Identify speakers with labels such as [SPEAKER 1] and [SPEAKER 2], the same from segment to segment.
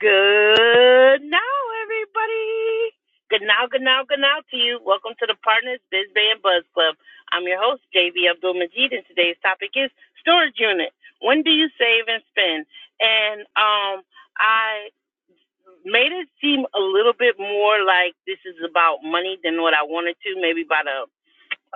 [SPEAKER 1] Good now, everybody. Good now, good now, good now to you. Welcome to the Partners Biz Bay and Buzz Club. I'm your host, JB Abdul Majid, and today's topic is storage unit. When do you save and spend? And um, I made it seem a little bit more like this is about money than what I wanted to, maybe about a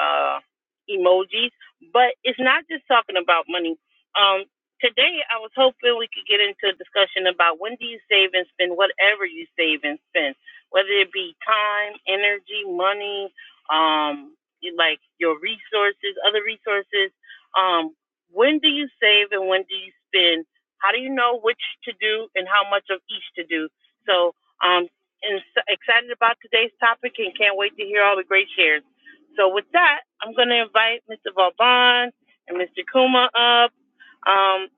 [SPEAKER 1] uh, emojis. But it's not just talking about money. Um, today, I was hoping we could get into a discussion about when do you save and spend whatever you save and spend, whether it be time, energy, money, um, like your resources, other resources. Um, when do you save and when do you spend? How do you know which to do and how much of each to do? So, um, and excited about today's topic and can't wait to hear all the great shares. So with that, I'm going to invite Mr. Vauban and Mr. Kuma up. Um,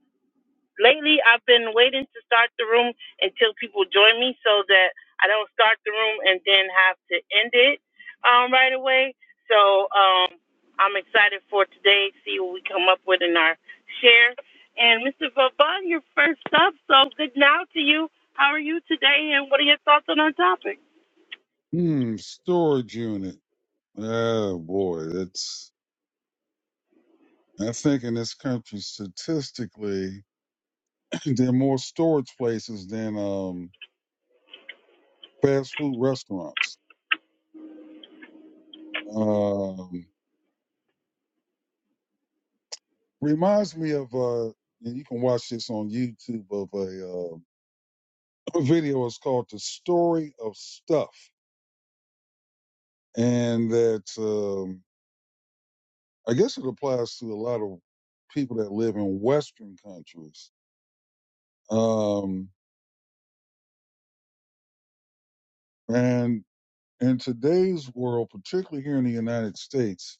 [SPEAKER 1] lately, I've been waiting to start the room until people join me so that I don't start the room and then have to end it um, right away. So um, I'm excited for today, see what we come up with in our share. And Mr. Vauban, you're first up, so good now to you. How are you today, and what are your thoughts on our topic?
[SPEAKER 2] Hmm, storage unit. Oh boy, that's. I think in this country, statistically, there are more storage places than um, fast food restaurants. Um, reminds me of, uh, and you can watch this on YouTube of a, uh, a video. It's called "The Story of Stuff," and that um, I guess it applies to a lot of people that live in Western countries. Um, and in today's world, particularly here in the United States,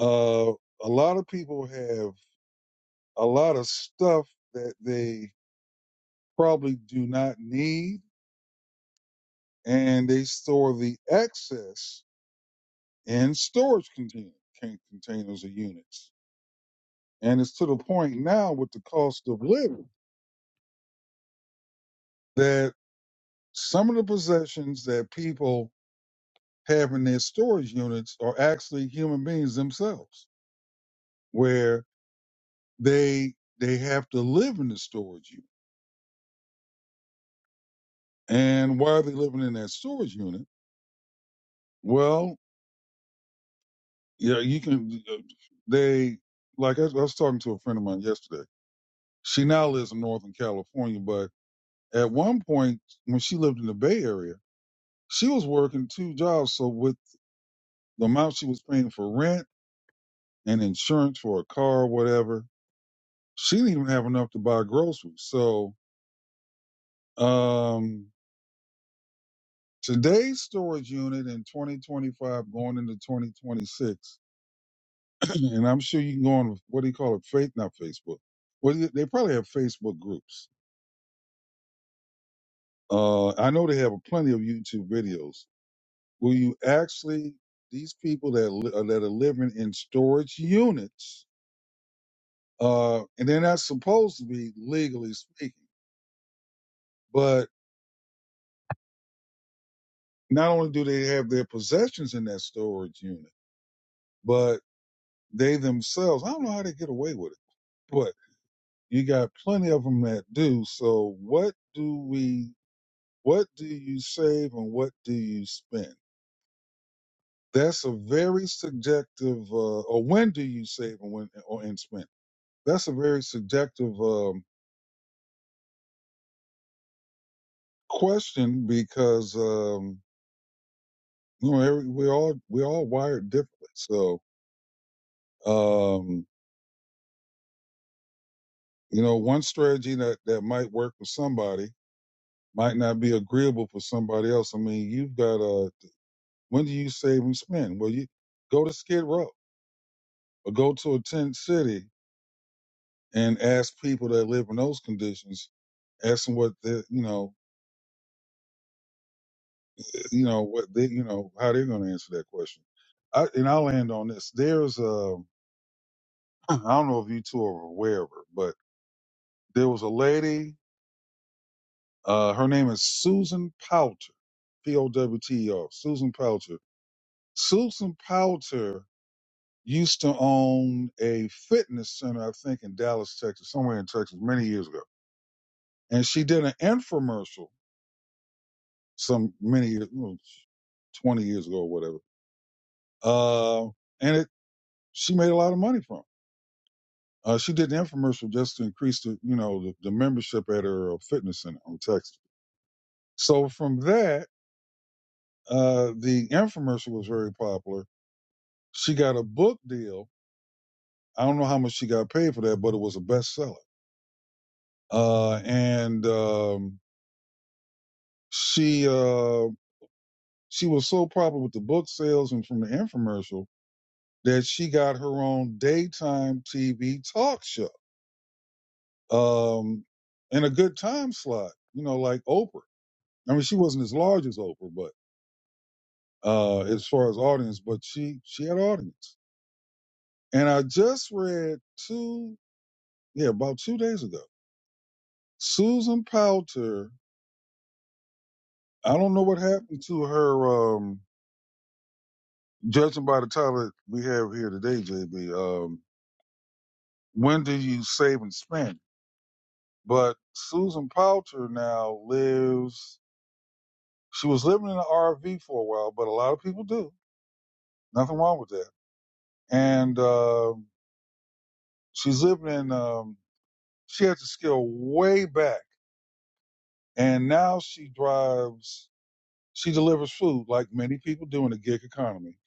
[SPEAKER 2] uh, a lot of people have a lot of stuff that they probably do not need, and they store the excess in storage contain- containers or units. And it's to the point now with the cost of living that some of the possessions that people have in their storage units are actually human beings themselves, where they they have to live in the storage unit And why are they living in that storage unit? Well, yeah, you can. They like I, I was talking to a friend of mine yesterday. She now lives in Northern California, but at one point when she lived in the Bay Area, she was working two jobs. So with the amount she was paying for rent and insurance for a car, or whatever, she didn't even have enough to buy groceries. So um, today's storage unit in 2025, going into 2026. and I'm sure you can go on what do you call it? Faith, not Facebook. Well, they they probably have Facebook groups. Uh, I know they have plenty of YouTube videos where you actually these people that li- uh, that are living in storage units, uh, and they're not supposed to be legally speaking. But not only do they have their possessions in that storage unit, but they themselves, I don't know how they get away with it, but you got plenty of them that do. So what do we? What do you save and what do you spend? That's a very subjective, uh, or when do you save and when or and spend? That's a very subjective um, question because um, you know every, we all we all wired differently. So um, you know, one strategy that that might work for somebody might not be agreeable for somebody else. I mean, you've got a when do you save and spend? Well, you go to Skid Row or go to a tent city and ask people that live in those conditions, ask them what they, you know, you know what they, you know, how they're going to answer that question. I, and I'll end on this. There's a, I don't know if you two are aware of her, but there was a lady. Uh, her name is Susan Powter, P O W T E R, Susan Powter. Susan Powter used to own a fitness center, I think, in Dallas, Texas, somewhere in Texas, many years ago, and she did an infomercial some many years, well, 20 years ago or whatever. Uh, and it, she made a lot of money from it. Uh, she did an infomercial just to increase the, you know, the, the membership at her uh, fitness center on Texas. So from that, uh, the infomercial was very popular. She got a book deal. I don't know how much she got paid for that, but it was a bestseller. Uh, and, um, she, uh, she was so popular with the book sales and from the infomercial that she got her own daytime TV talk show um, in a good time slot, you know, like Oprah. I mean, she wasn't as large as Oprah, but uh, as far as audience, but she she had audience. And I just read two, yeah, about two days ago, Susan Powter. I don't know what happened to her. Um, judging by the title that we have here today, JB, um, when do you save and spend? But Susan Powter now lives She was living in an RV for a while, but a lot of people do. Nothing wrong with that. And uh, she's living in. Um, she had to scale way back, and now she drives. She delivers food like many people do in the gig economy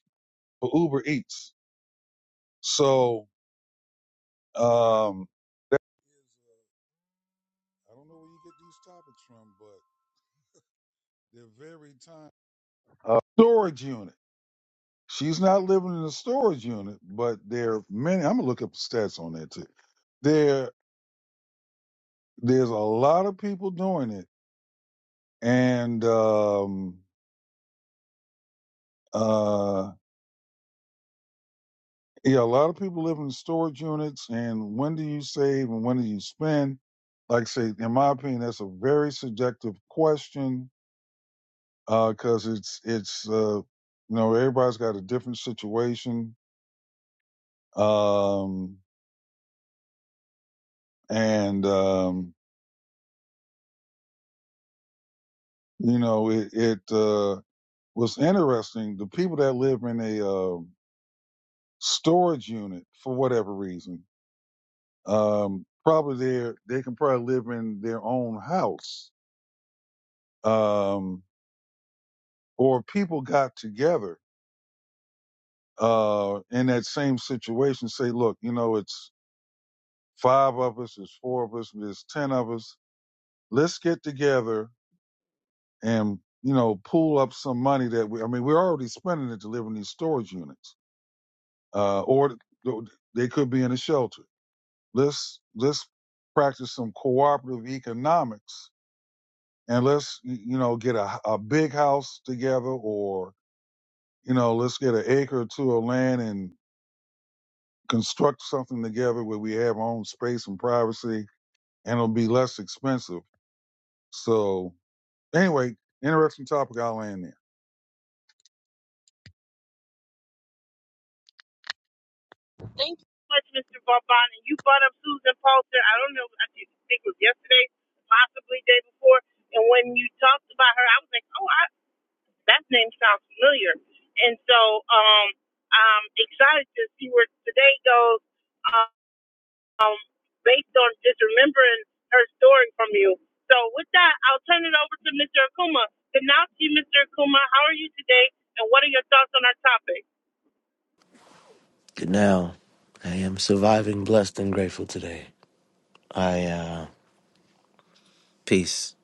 [SPEAKER 2] for Uber Eats. So um, that is, uh, I don't know where you get these topics from, but they're very time uh, storage unit. She's not living in a storage unit, but there are many. I'm gonna look up the stats on that too. There. there's a lot of people doing it and um uh yeah a lot of people live in storage units and when do you save and when do you spend like I say in my opinion that's a very subjective question uh because it's it's uh you know everybody's got a different situation um and um you know it, it uh was interesting the people that live in a uh, storage unit for whatever reason um, probably they they can probably live in their own house, um, or people got together uh, in that same situation. Say, look, you know, it's five of us, it's four of us, there's ten of us. Let's get together and you know pool up some money that we. I mean, we're already spending it to live in these storage units, uh, or they could be in a shelter. Let's let's practice some cooperative economics and let's you know get a, a big house together or you know let's get an acre or two of land and construct something together where we have our own space and privacy and it'll be less expensive so anyway interesting topic i'll land there
[SPEAKER 1] Thank you so much, Mr. Vauban. And you brought up Susan Palter. I don't know. I think it was yesterday, possibly day before. And when you talked about her, I was like, oh, I, that name sounds familiar. And so um, I'm excited to see where today goes um, based on just remembering her story from you. So with that, I'll turn it over to Mr. Akuma. Good night to you, Mr. Akuma. How are you today? And what are your thoughts on our topic?
[SPEAKER 3] Good now. I am surviving, blessed, and grateful today. I, uh, peace.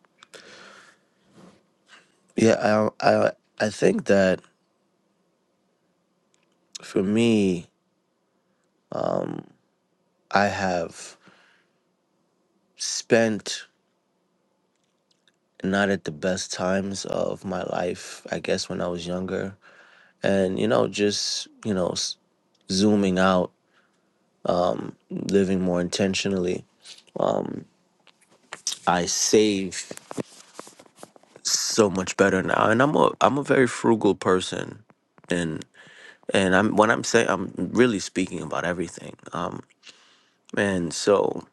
[SPEAKER 3] Yeah, I, I, I think that for me, I have spent not at the best times of my life, I guess when I was younger. And, you know, just, you know, s- zooming out, living more intentionally, I save so much better now. And I'm a, I'm a very frugal person. and I'm when I'm saying I'm really speaking about everything. Um, and so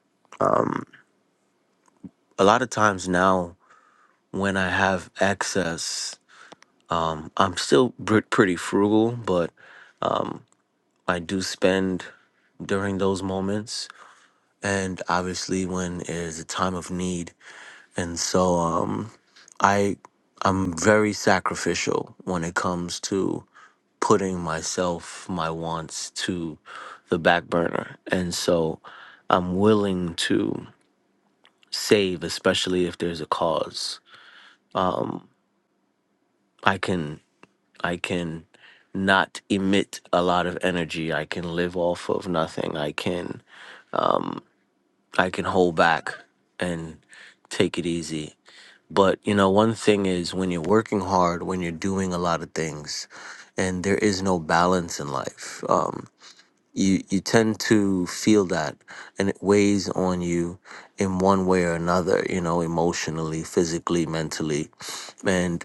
[SPEAKER 3] a lot of times now when I have access, I'm still pr- pretty frugal, but I do spend during those moments, and obviously when it is a time of need. And so um, I I'm very sacrificial when it comes to putting myself, my wants to the back burner. And so I'm willing to. save, especially if there's a cause. I can I can not emit a lot of energy. I can live off of nothing. I can I can hold back and take it easy. But you know, one thing is when you're working hard, when you're doing a lot of things, and there is no balance in life. Um, you you tend to feel that, and it weighs on you in one way or another. You know, emotionally, physically, mentally, and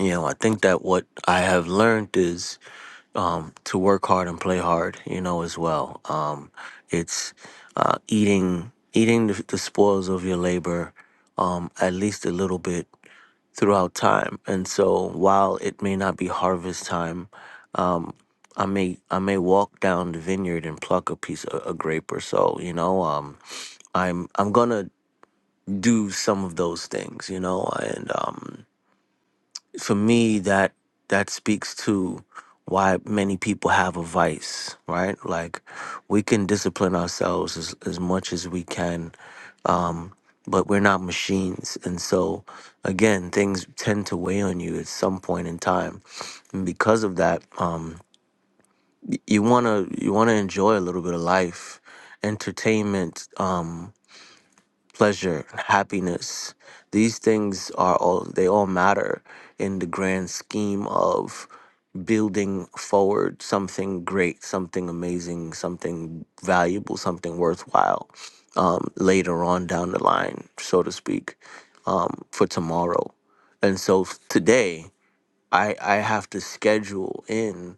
[SPEAKER 3] You know, I think that what I have learned is um, to work hard and play hard. You know, as well. Um, it's uh, eating eating the, the spoils of your labor, um, at least a little bit throughout time. And so, while it may not be harvest time, um, I may I may walk down the vineyard and pluck a piece of a grape or so. You know, um, I'm I'm gonna do some of those things. You know, and um, for me that that speaks to why many people have a vice right like we can discipline ourselves as, as much as we can but we're not machines and so again things tend to weigh on you at some point in time and because of that um y- you want to you want to enjoy a little bit of life entertainment Um, pleasure, and happiness. These things are all, they all matter in the grand scheme of building forward something great, something amazing, something valuable, something worthwhile um, later on down the line, so to speak, um, for tomorrow. And so f- today, I, I have to schedule in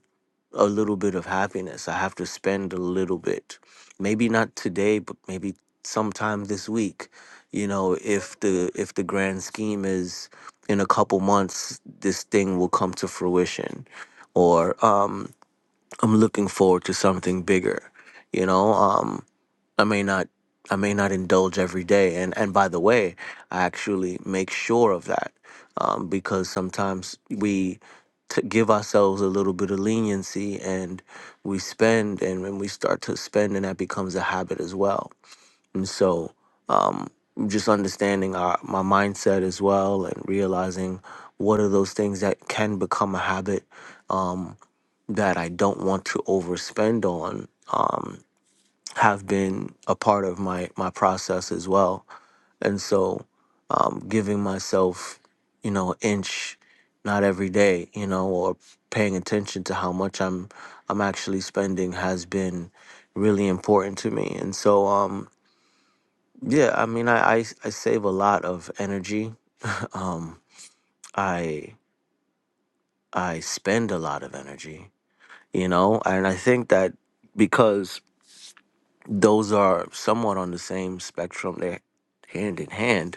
[SPEAKER 3] a little bit of happiness. I have to spend a little bit. Maybe not today, but maybe sometime this week. You know, if the if the grand scheme is in a couple months, this thing will come to fruition. Or um, I'm looking forward to something bigger. You know, um I may not I may not indulge every day, and and by the way, I actually make sure of that um, because sometimes we t- give ourselves a little bit of leniency, and we spend, and when we start to spend, and that becomes a habit as well. And so, um, just understanding our my mindset as well, and realizing what are those things that can become a habit um, that I don't want to overspend on. Um, have been a part of my my process as well and so um giving myself you know inch not every day you know or paying attention to how much i'm i'm actually spending has been really important to me and so um yeah i mean i i, I save a lot of energy um i i spend a lot of energy you know and i think that because those are somewhat on the same spectrum they're hand in hand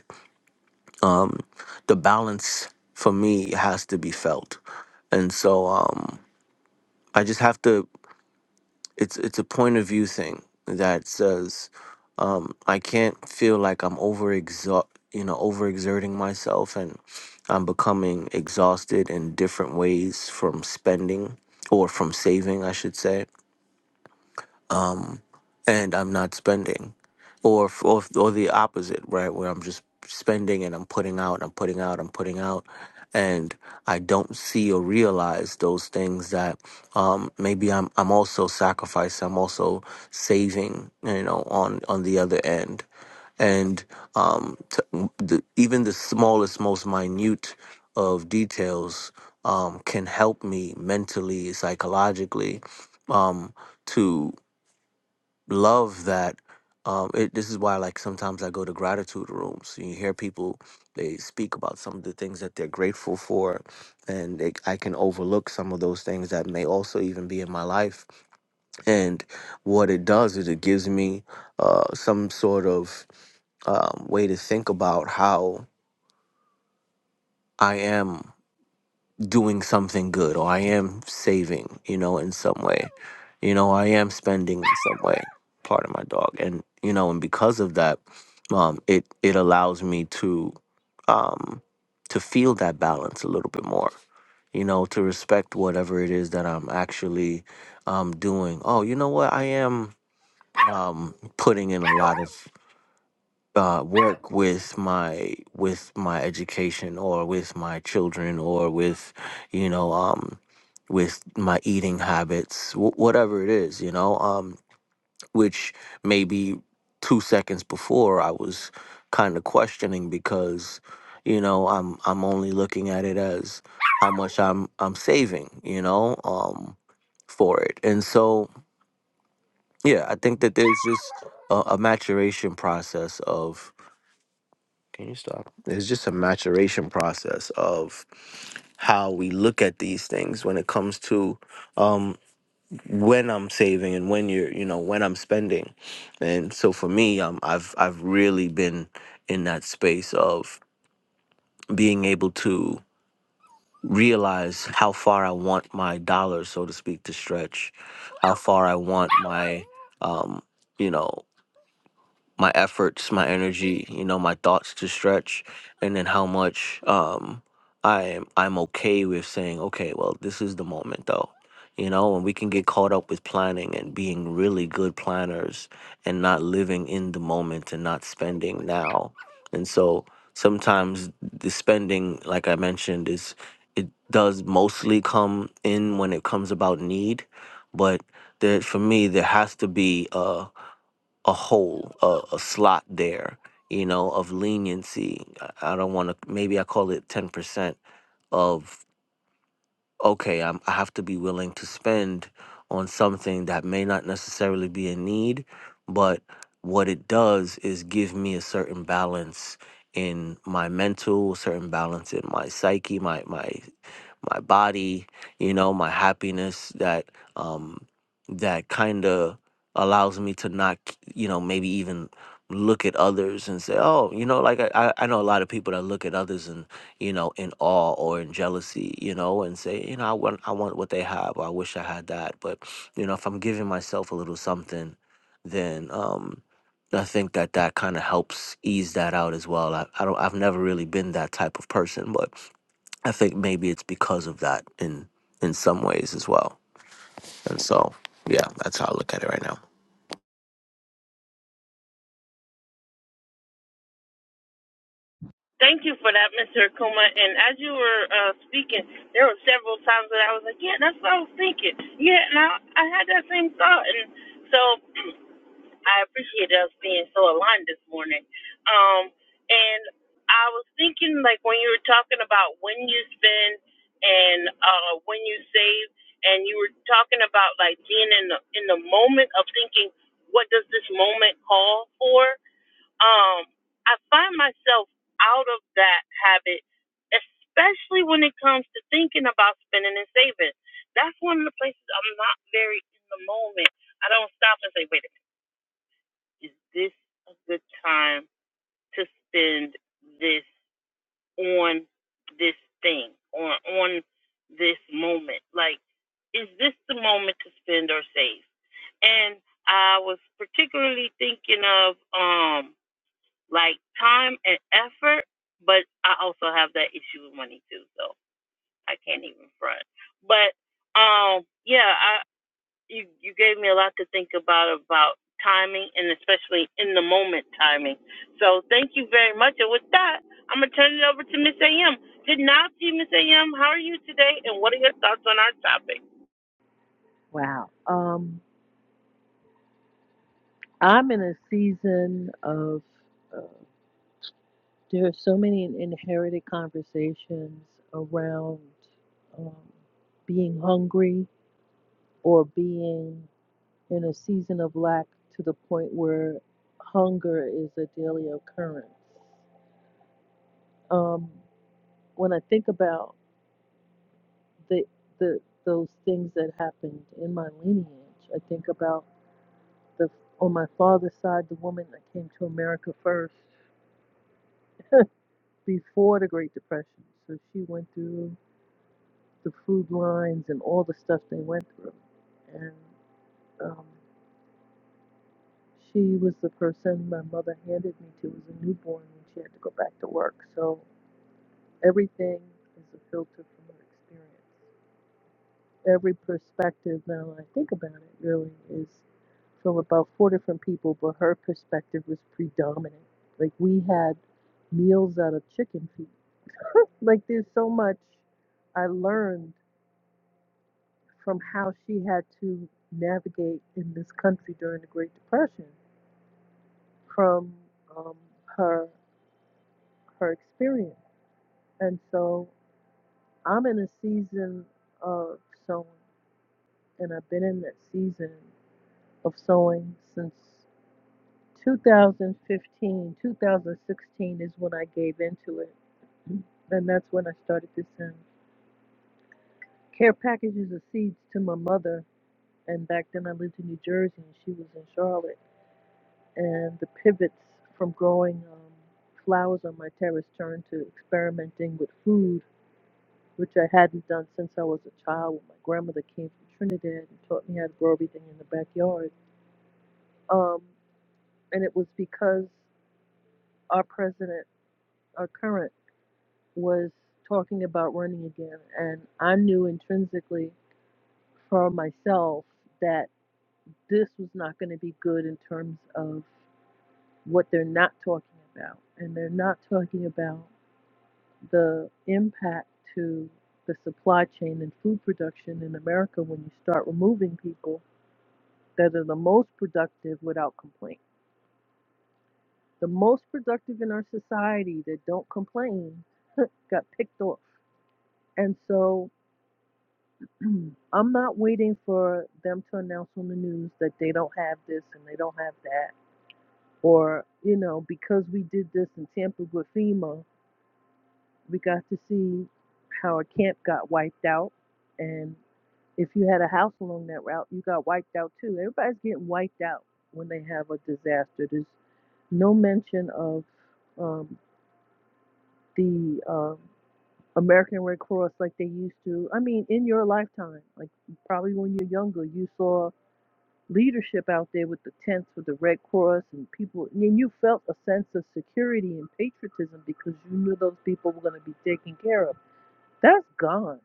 [SPEAKER 3] um, the balance for me has to be felt, and so um, I just have to. It's it's a point of view thing that says I can't feel like I'm over you know, overexerting myself, and I'm becoming exhausted in different ways from spending or from saving, I should say and I'm not spending, or f- or f- or the opposite, right? Where I'm just spending and I'm putting out, I'm putting out, I'm putting out, and I don't see or realize those things that um, maybe I'm I'm also sacrificing, I'm also saving, you know, on on the other end, and um, t- the, even the smallest, most minute of details um, can help me mentally, psychologically. Um, love that um it this is why like sometimes I go to gratitude rooms you hear people they speak about some of the things that they're grateful for and they, I can overlook some of those things that may also even be in my life and what it does is it gives me uh some sort of um, way to think about how I am doing something good or I am saving, you know, in some way. You know, I am spending in some way part of my dog. And, you know, and because of that, um, it it allows me to um to feel that balance a little bit more. You know, to respect whatever it is that I'm actually um doing. Oh, you know what? I am um putting in a lot of uh, work with my with my education or with my children or with you know um with my eating habits w- whatever it is you know um which maybe two seconds before I was kind of questioning because you know I'm I'm only looking at it as how much I'm I'm saving you know um for it and so yeah I think that there's just a, a maturation process can you stop? It's just a maturation process of how we look at these things when it comes to um, when I'm saving and when you're, you know, when I'm spending. And so for me, um, I've I've really been in that space of being able to realize how far I want my dollar, so to speak, to stretch, how far I want my, um, you know. my efforts, my energy, you know, my thoughts to stretch, and then how much um, I'm I'm okay with saying, okay, well, this is the moment though, you know, and we can get caught up with planning and being really good planners and not living in the moment and not spending now, and so sometimes the spending, like I mentioned, is it does mostly come in when it comes about need, but there for me there has to be. Uh, a hole, a, a slot there, you know, of leniency. I I don't want to, maybe I call it 10% of okay, I'm, I have to be willing to spend on something that may not necessarily be a need, but what it does is give me a certain balance in my mental, certain balance in my psyche, my my my body, you know, my happiness that um that kind of allows me to not, you know, maybe even look at others and say, oh, you know, like I, I I know a lot of people that look at others and you know, in awe or in jealousy, you know, and say, you know, I want, I want what they have. Or I wish I had that. But you know, if I'm giving myself a little something, then um, I think that that kind of helps ease that out as well. I, I don't, I've never really been that type of person, but I think maybe it's because of that in in some ways as well. And so, yeah, that's how I look at it right now.
[SPEAKER 1] Thank you for that, Mr. Akuma. And as you were uh, speaking, there were several times that I was like, yeah, that's what I was thinking. Yeah, and I, I had that same thought. And so I appreciate us being so aligned this morning. Um, and I was thinking, like, when you were talking about when you spend and uh, when you save, and you were talking about, like, being in the, in the moment of thinking, what does this moment call for? um, I find myself out of that habit, especially when it comes to thinking about spending and saving. That's one of the places I'm not very in the moment. I don't stop and say, wait a minute, is this a good time to spend this on this thing, on on this moment? Like, is this the moment to spend or save? And I was particularly thinking of um like time and effort, but I also have that issue with money too, so I can't even front. But um yeah, I you you gave me a lot to think about about timing and especially in the moment timing. So thank you very much. And with that, I'm gonna turn it over to Miss AM. Good night to you, Miss AM. How are you today and what are your thoughts on our topic?
[SPEAKER 4] Wow. Um, I'm in a season of uh, there are so many inherited conversations around um, being hungry or being in a season of lack to the point where hunger is a daily occurrence. Um, when I think about the the those things that happened in my lineage, I think about the on my father's side, the woman that came to America first before the Great Depression. So she went through the food lines and all the stuff they went through. And um, she was the person my mother handed me to as a newborn when she had to go back to work. So everything is a filter from her experience. Every perspective, now when I think about it, really is from about four different people, but her perspective was predominant. Like we had meals out of chicken feet. Like there's so much I learned from how she had to navigate in this country during the Great Depression from um, her her experience. And so I'm in a season of sowing, and I've been in that season of sowing since 2015. 2016 is when I gave into it, and that's when I started to send care packages of seeds to my mother. And back then I lived in New Jersey, and she was in Charlotte and the pivots from growing um, flowers on my terrace turned to experimenting with food, which I hadn't done since I was a child when my grandmother came from Trinidad and taught me how to grow everything in the backyard. Um, and it was because our president, our current, was talking about running again. And I knew intrinsically for myself that this was not going to be good in terms of what they're not talking about. And they're not talking about the impact to the supply chain and food production in America when you start removing people that are the most productive without complaint. The most productive in our society that don't complain got picked off. And so I'm not waiting for them to announce on the news that they don't have this and they don't have that. Or, you know, because we did this and tampered with FEMA, we got to see how a camp got wiped out and. If you had a house along that route, you got wiped out too. Everybody's getting wiped out when they have a disaster. There's no mention of um, the um American Red Cross like they used to. I mean, in your lifetime, like probably when you're younger, you saw leadership out there with the tents with the Red Cross and people, and you felt a sense of security and patriotism because you knew those people were going to be taken care of. That's gone.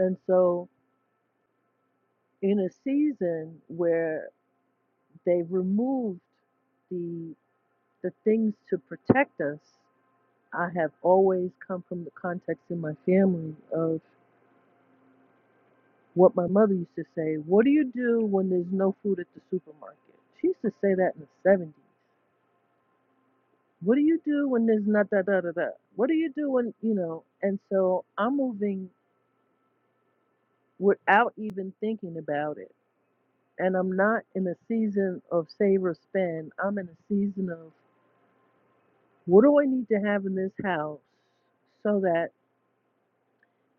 [SPEAKER 4] And so, in a season where They removed the the things to protect us. I have always come from the context in my family of what my mother used to say, what do you do when there's no food at the supermarket? She used to say that in the seventies. What do you do when there's not da da da da? What do you do when you know? And so I'm moving without even thinking about it. And I'm not in a season of save or spend. I'm in a season of what do I need to have in this house so that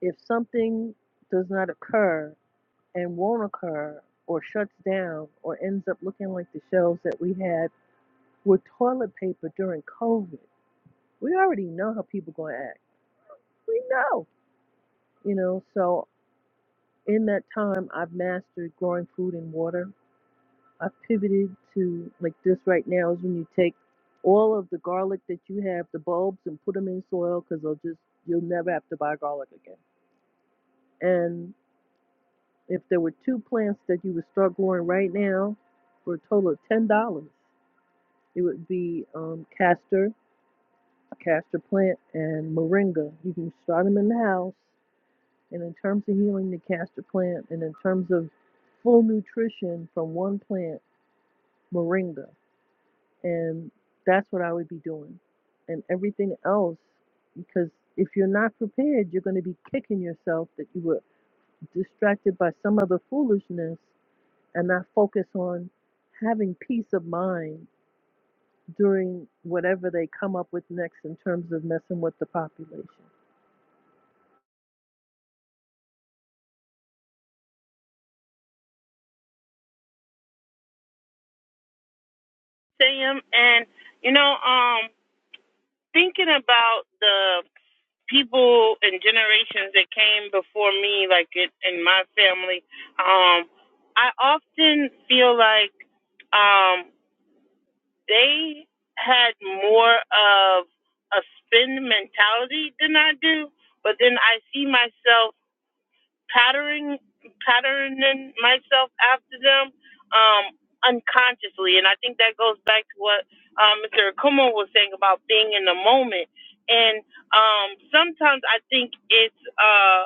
[SPEAKER 4] if something does not occur and won't occur or shuts down or ends up looking like the shelves that we had with toilet paper during COVID, we already know how people gonna act. We know, you know. So in that time, I've mastered growing food and water. I've pivoted to like this right now is when you take all of the garlic that you have, the bulbs, and put them in soil because they'll just you'll never have to buy garlic again. And If there were two plants that you would start growing right now for a total of ten dollars, it would be um, castor, castor plant, and moringa. You can start them in the house. And in terms of healing the castor plant, and in terms of full nutrition from one plant, moringa, and that's what I would be doing. And everything else, because if you're not prepared, you're going to be kicking yourself that you were distracted by some other foolishness and I focus on having peace of mind during whatever they come up with next in terms of messing with the population.
[SPEAKER 1] Miss AM and you know, um thinking about the people and generations that came before me, like it, in my family, um, I often feel like um, they had more of a spend mentality than I do. But then I see myself patterning patterning myself after them um unconsciously and i think that goes back to what um mr Akuma was saying about being in the moment and um sometimes i think it's Uh,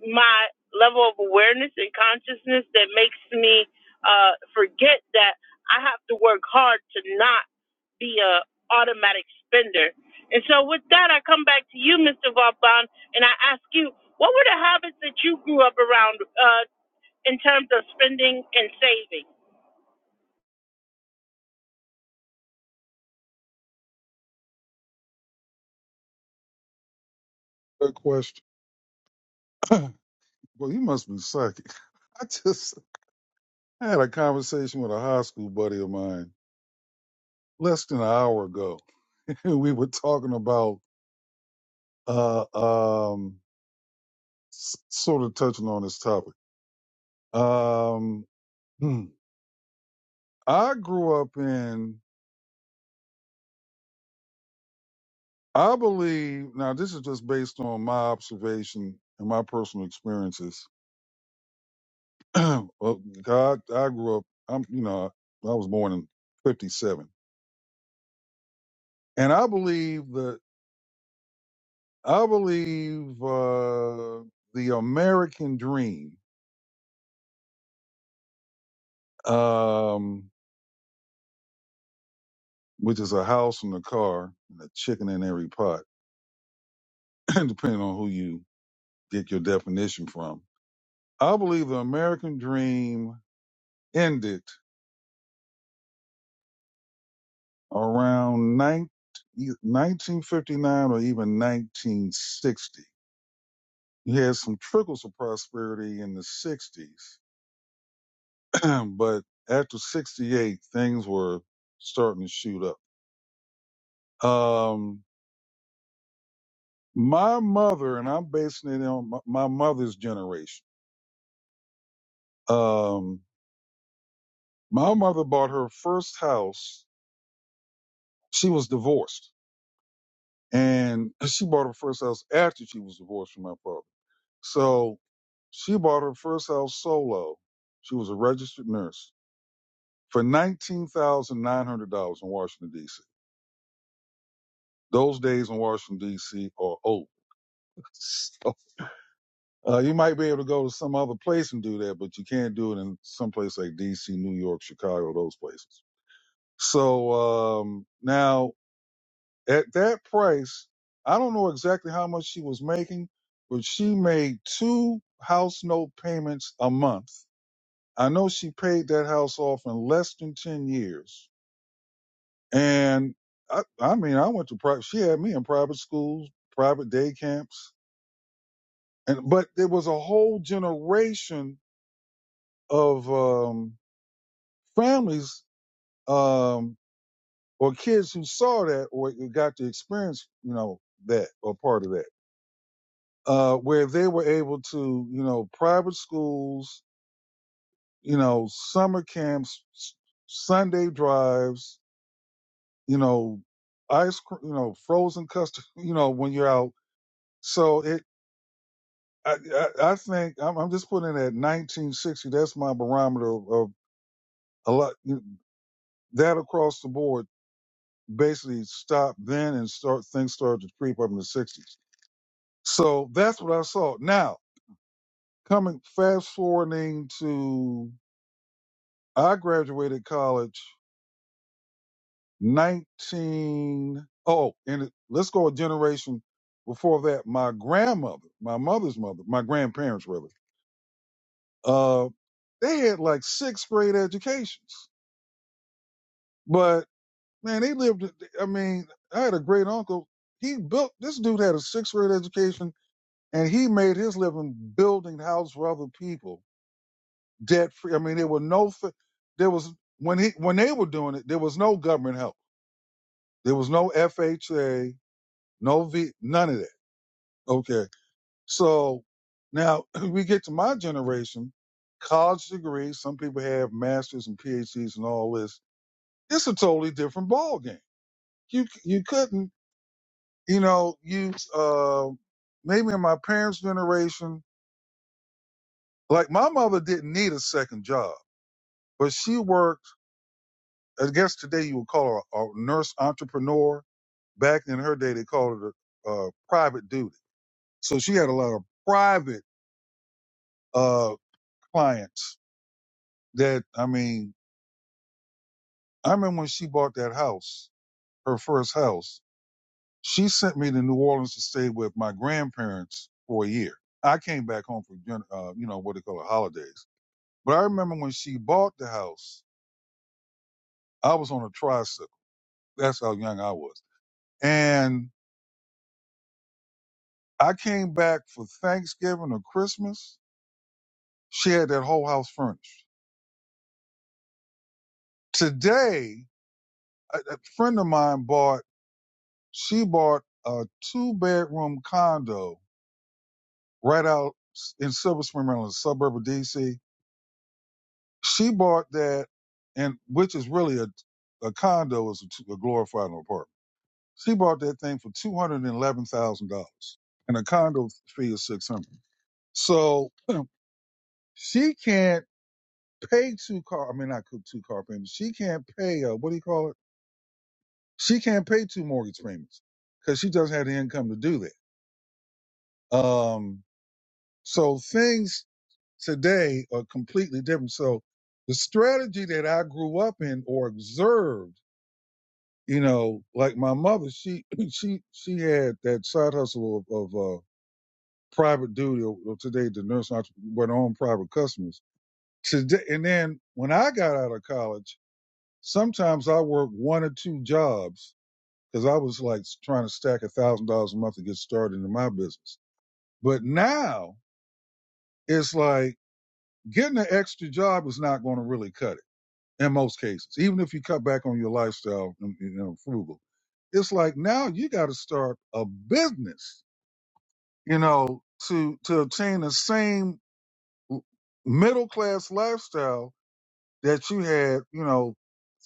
[SPEAKER 1] my level of awareness and consciousness that makes me uh, forget that I have to work hard to not be a automatic spender. And so with that, I come back to you, Mr. Vaughn, and I ask you, what were the habits that you grew up around uh, in terms of spending and saving?
[SPEAKER 2] good question well you must be psychic i just I had a conversation with a high school buddy of mine less than an hour ago we were talking about uh um s- sort of touching on this topic um hmm. I grew up in, I believe, now this is just based on my observation and my personal experiences. well, God, I grew up, I'm, you know, I was born in 57. And I believe that, I believe uh, the American dream, um, which is a house and a car and a chicken in every pot, depending on who you get your definition from. I believe the American dream ended around nine, 1959 or even 1960. You had some trickles of prosperity in the 60s, but after 68, things were starting to shoot up. Um, my mother, and I'm basing it on my, my mother's generation, um, my mother bought her first house. She was divorced, and she bought her first house after she was divorced from my father So she bought her first house solo. She was a registered nurse for nineteen thousand nine hundred dollars in Washington D.C. Those days in Washington D.C. are old. So uh, you might be able to go to some other place and do that, but you can't do it in some place like D.C., New York, Chicago, those places. So um, now at that price, I don't know exactly how much she was making, but she made two house note payments a month I know she paid that house off in less than 10 years. And I, I mean, I went to private, she had me in private schools, private day camps. And, but there was a whole generation of, um, families, um, or kids who saw that or got to experience, you know, that or part of that, uh, where they were able to, you know, private schools, you know, summer camps, Sunday drives, you know, ice cream, you know, frozen custard, you know, when you're out. So it, I, I, I think I'm, I'm just putting it at 1960. That's my barometer of, of a lot that across the board basically stopped then and start things started to creep up in the 60s. So that's what I saw. Now coming fast forwarding to I graduated college 19 oh, and it- let's go a generation before that my grandmother my mother's mother my grandparents really uh they had like sixth grade educations but man they lived i mean i had a great uncle he built this dude had a sixth grade education and he made his living building houses for other people debt free i mean there were no fi- there was when he when they were doing it there was no government help there was no fha no v none of that okay So now we get to my generation, college degrees. Some people have masters and PhDs and all this. It's a totally different ball game. You c- you couldn't you know use uh, maybe in my parents' generation, like my mother didn't need a second job, but she worked. I guess today you would call her a nurse entrepreneur. Back in her day, they called it a, uh private duty. So she had a lot of private uh, clients that I mean I remember when she bought that house, her first house, she sent me to New Orleans to stay with my grandparents for a year. I came back home for, gen- uh, you know, what they call it, holidays. But I remember when she bought the house, I was on a tricycle. That's how young I was. And I came back for Thanksgiving or Christmas. She had that whole house furnished. Today, a, a friend of mine bought, she bought a two bedroom condo right out in Silver Spring, Maryland, a suburb of DC. She bought that, and which is really a, a condo is a a glorified apartment. She bought that thing for two hundred and eleven thousand dollars, and a condo fee is six hundred. So she can't pay two car. I mean, not two car payments. She can't pay. Uh, what do you call it? She can't pay two mortgage payments because she doesn't have the income to do that. Um, so things today are completely different. So the strategy that I grew up in or observed, you know, like my mother, she she she had that side hustle of, of uh, private duty. Or, or today, the nurse went on private customers. Today, and then when I got out of college, sometimes I worked one or two jobs because I was like trying to stack a thousand dollars a month to get started in my business. But now it's like getting an extra job is not going to really cut it in most cases, even if you cut back on your lifestyle and you know frugal. It's like now you got to start a business, you know, to to obtain the same middle class lifestyle that you had, you know,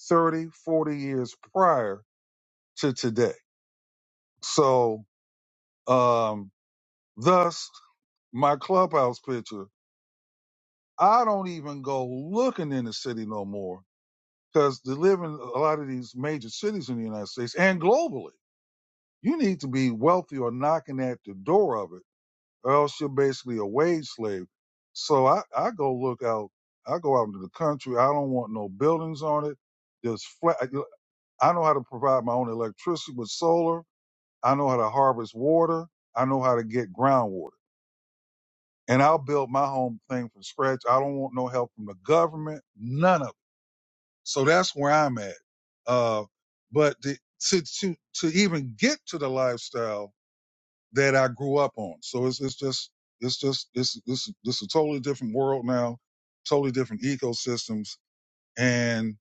[SPEAKER 2] 30, 40 years prior to today. So, um, thus my clubhouse picture, I don't even go looking in the city no more because they live in a lot of these major cities in the United States and globally You need to be wealthy or knocking at the door of it, or else you're basically a wage slave. So I, I go look out. I go out into the country. I don't want no buildings on it. There's flat. I know how to provide my own electricity with solar. I know how to harvest water. I know how to get groundwater. And I'll build my home thing from scratch. I don't want no help from the government. None of it. So that's where I'm at. Uh, but the, to to to even get to the lifestyle that I grew up on. So it's it's just it's just it's this this a totally different world now, totally different ecosystems. And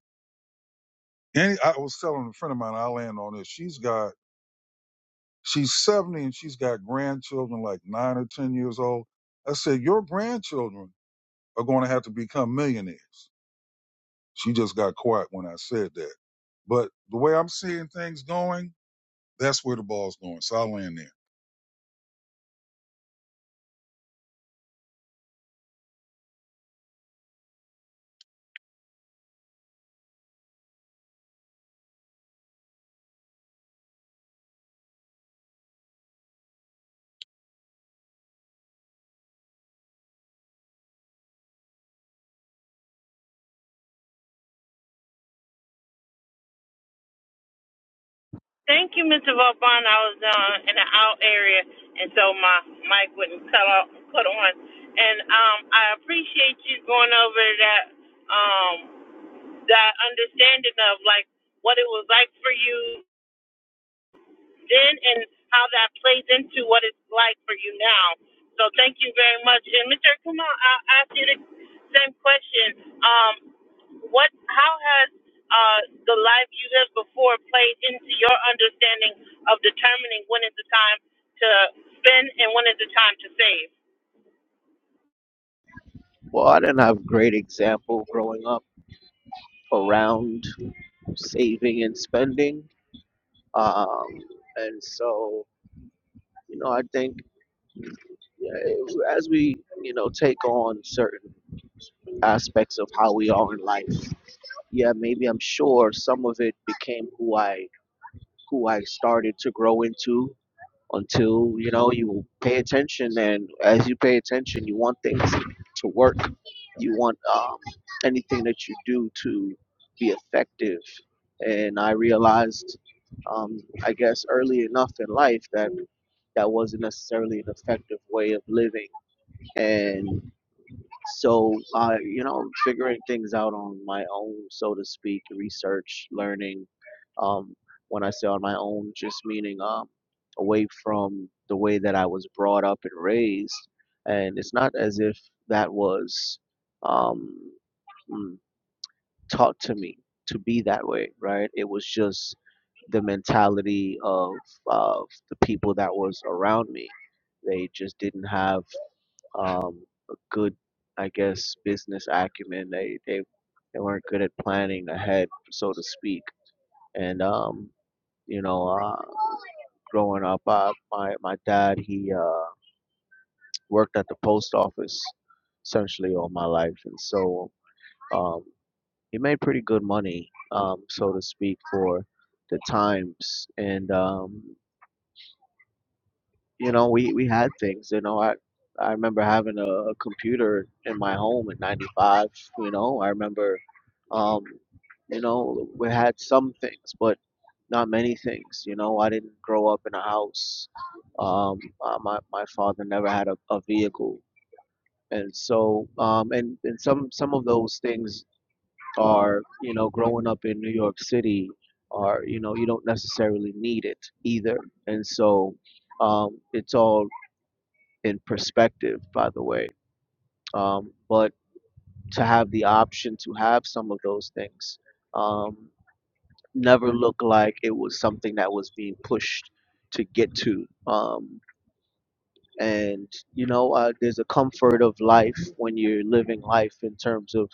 [SPEAKER 2] any I was telling a friend of mine, I land on this. She's got she's seventy and she's got grandchildren like nine or ten years old. I said your grandchildren are going to have to become millionaires. She just got quiet when I said that. But the way I'm seeing things going, that's where the ball's going. So I land there.
[SPEAKER 1] Thank you, Mr. Vaughn. I was uh, in an out area, and so my mic wouldn't cut off, cut on. And um, I appreciate you going over that um, that understanding of like what it was like for you then and how that plays into what it's like for you now. So thank you very much. And Mr. Kumar, I'll ask you the same question. Um, what? How has uh, the life you lived before played into your understanding of determining when is the time to spend and when is the time to save?
[SPEAKER 3] Well, I didn't have great example growing up around saving and spending. Um, and so You know, I think yeah, as we, you know, take on certain aspects of how we are in life, yeah, maybe I'm sure some of it became who I who I started to grow into until, you know, you pay attention and as you pay attention, you want things to work. You want um, anything that you do to be effective. And I realized, um, I guess, early enough in life that that wasn't necessarily an effective way of living and so uh, you know figuring things out on my own so to speak research learning um, when i say on my own just meaning um, away from the way that i was brought up and raised and it's not as if that was um, mm, taught to me to be that way right it was just the mentality of, of the people that was around me they just didn't have um, a good, I guess, business acumen. They they they weren't good at planning ahead, so to speak. And um, you know, uh, growing up, uh, my my dad he uh, worked at the post office essentially all my life, and so um, he made pretty good money, um, so to speak, for the times. And um, you know, we, we had things, you know, I, I remember having a, a computer in my home in 95, you know, I remember, um, you know, we had some things, but not many things, you know, I didn't grow up in a house. Um, uh, my, my father never had a, a vehicle. And so, um, and, and some, some of those things are, you know, growing up in New York City are, you know, you don't necessarily need it either. And so, um, it's all in perspective, by the way. Um, but to have the option to have some of those things um, never looked like it was something that was being pushed to get to. Um, and you know uh, there's a comfort of life when you're living life in terms of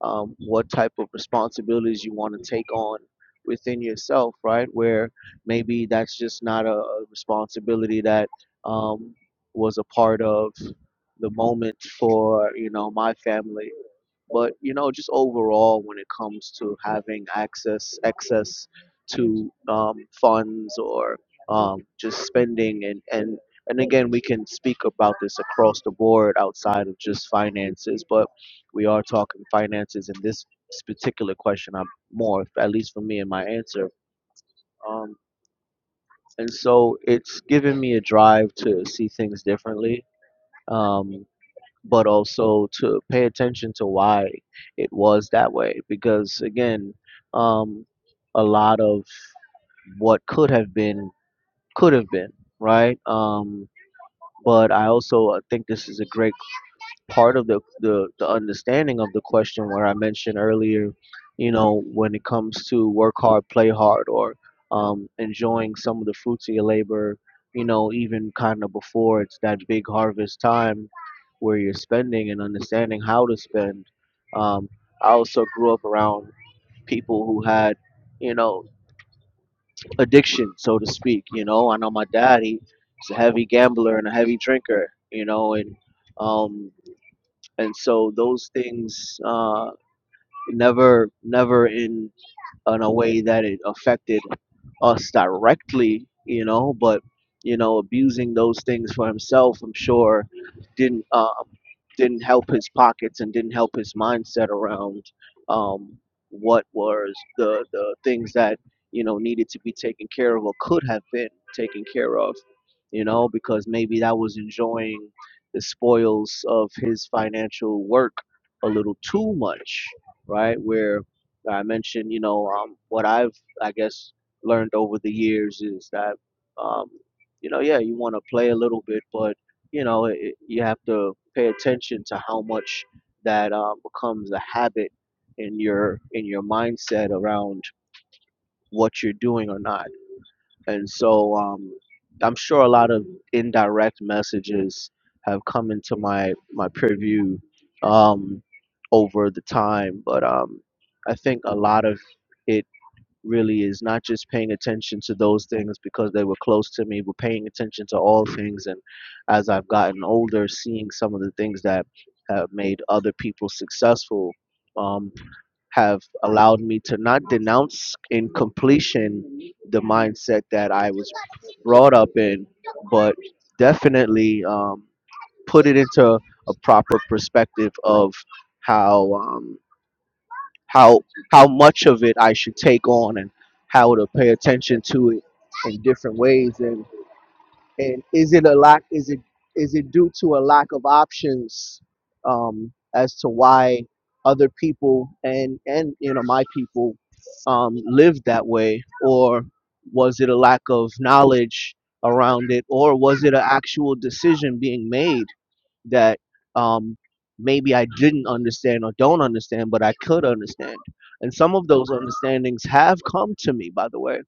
[SPEAKER 3] um, what type of responsibilities you want to take on within yourself right where maybe that's just not a a responsibility that um, was a part of the moment for you know my family but you know just overall when it comes to having access access to um, funds or um, just spending and, and and again we can speak about this across the board outside of just finances but we are talking finances in this particular question i'm more at least for me in my answer um, and so it's given me a drive to see things differently um, but also to pay attention to why it was that way because again um, a lot of what could have been could have been right um, but i also uh, think this is a great part of the, the the understanding of the question where I mentioned earlier, you know, when it comes to work hard, play hard, or um, enjoying some of the fruits of your labor, you know, even kind of before it's that big harvest time where you're spending and understanding how to spend. Um, I also grew up around people who had, you know, addiction, so to speak. You know, I know my dad, he, he's a heavy gambler and a heavy drinker, you know, and um, and so those things uh, never never in in a way that it affected us directly, you know, but you know, abusing those things for himself, I'm sure, didn't um, didn't help his pockets and didn't help his mindset around um, what was the the things that you know needed to be taken care of or could have been taken care of, you know, because maybe that was enjoying the spoils of his financial work a little too much, right? Where I mentioned, you know, um, what I've, I guess, learned over the years is that, um, you know, yeah, you want to play a little bit, but, you know, it, you have to pay attention to how much that um, becomes a habit in your in your mindset around what you're doing or not and so um, I'm sure a lot of indirect messages have come into my my purview um, over the time, but um, I think a lot of it really is not just paying attention to those things because they were close to me, but paying attention to all things. And as I've gotten older, seeing some of the things that have made other people successful um, have allowed me to not denounce in completion the mindset that I was brought up in, but definitely um, put it into a proper perspective of how. um, how how much of it I should take on and how to pay attention to it in different ways and and is it a lack is it is it due to a lack of options um, as to why other people and and you know my people um, lived that way or was it a lack of knowledge around it or was it an actual decision being made that um, maybe I didn't understand or don't understand, but I could understand. And some of those understandings have come to me, by the way,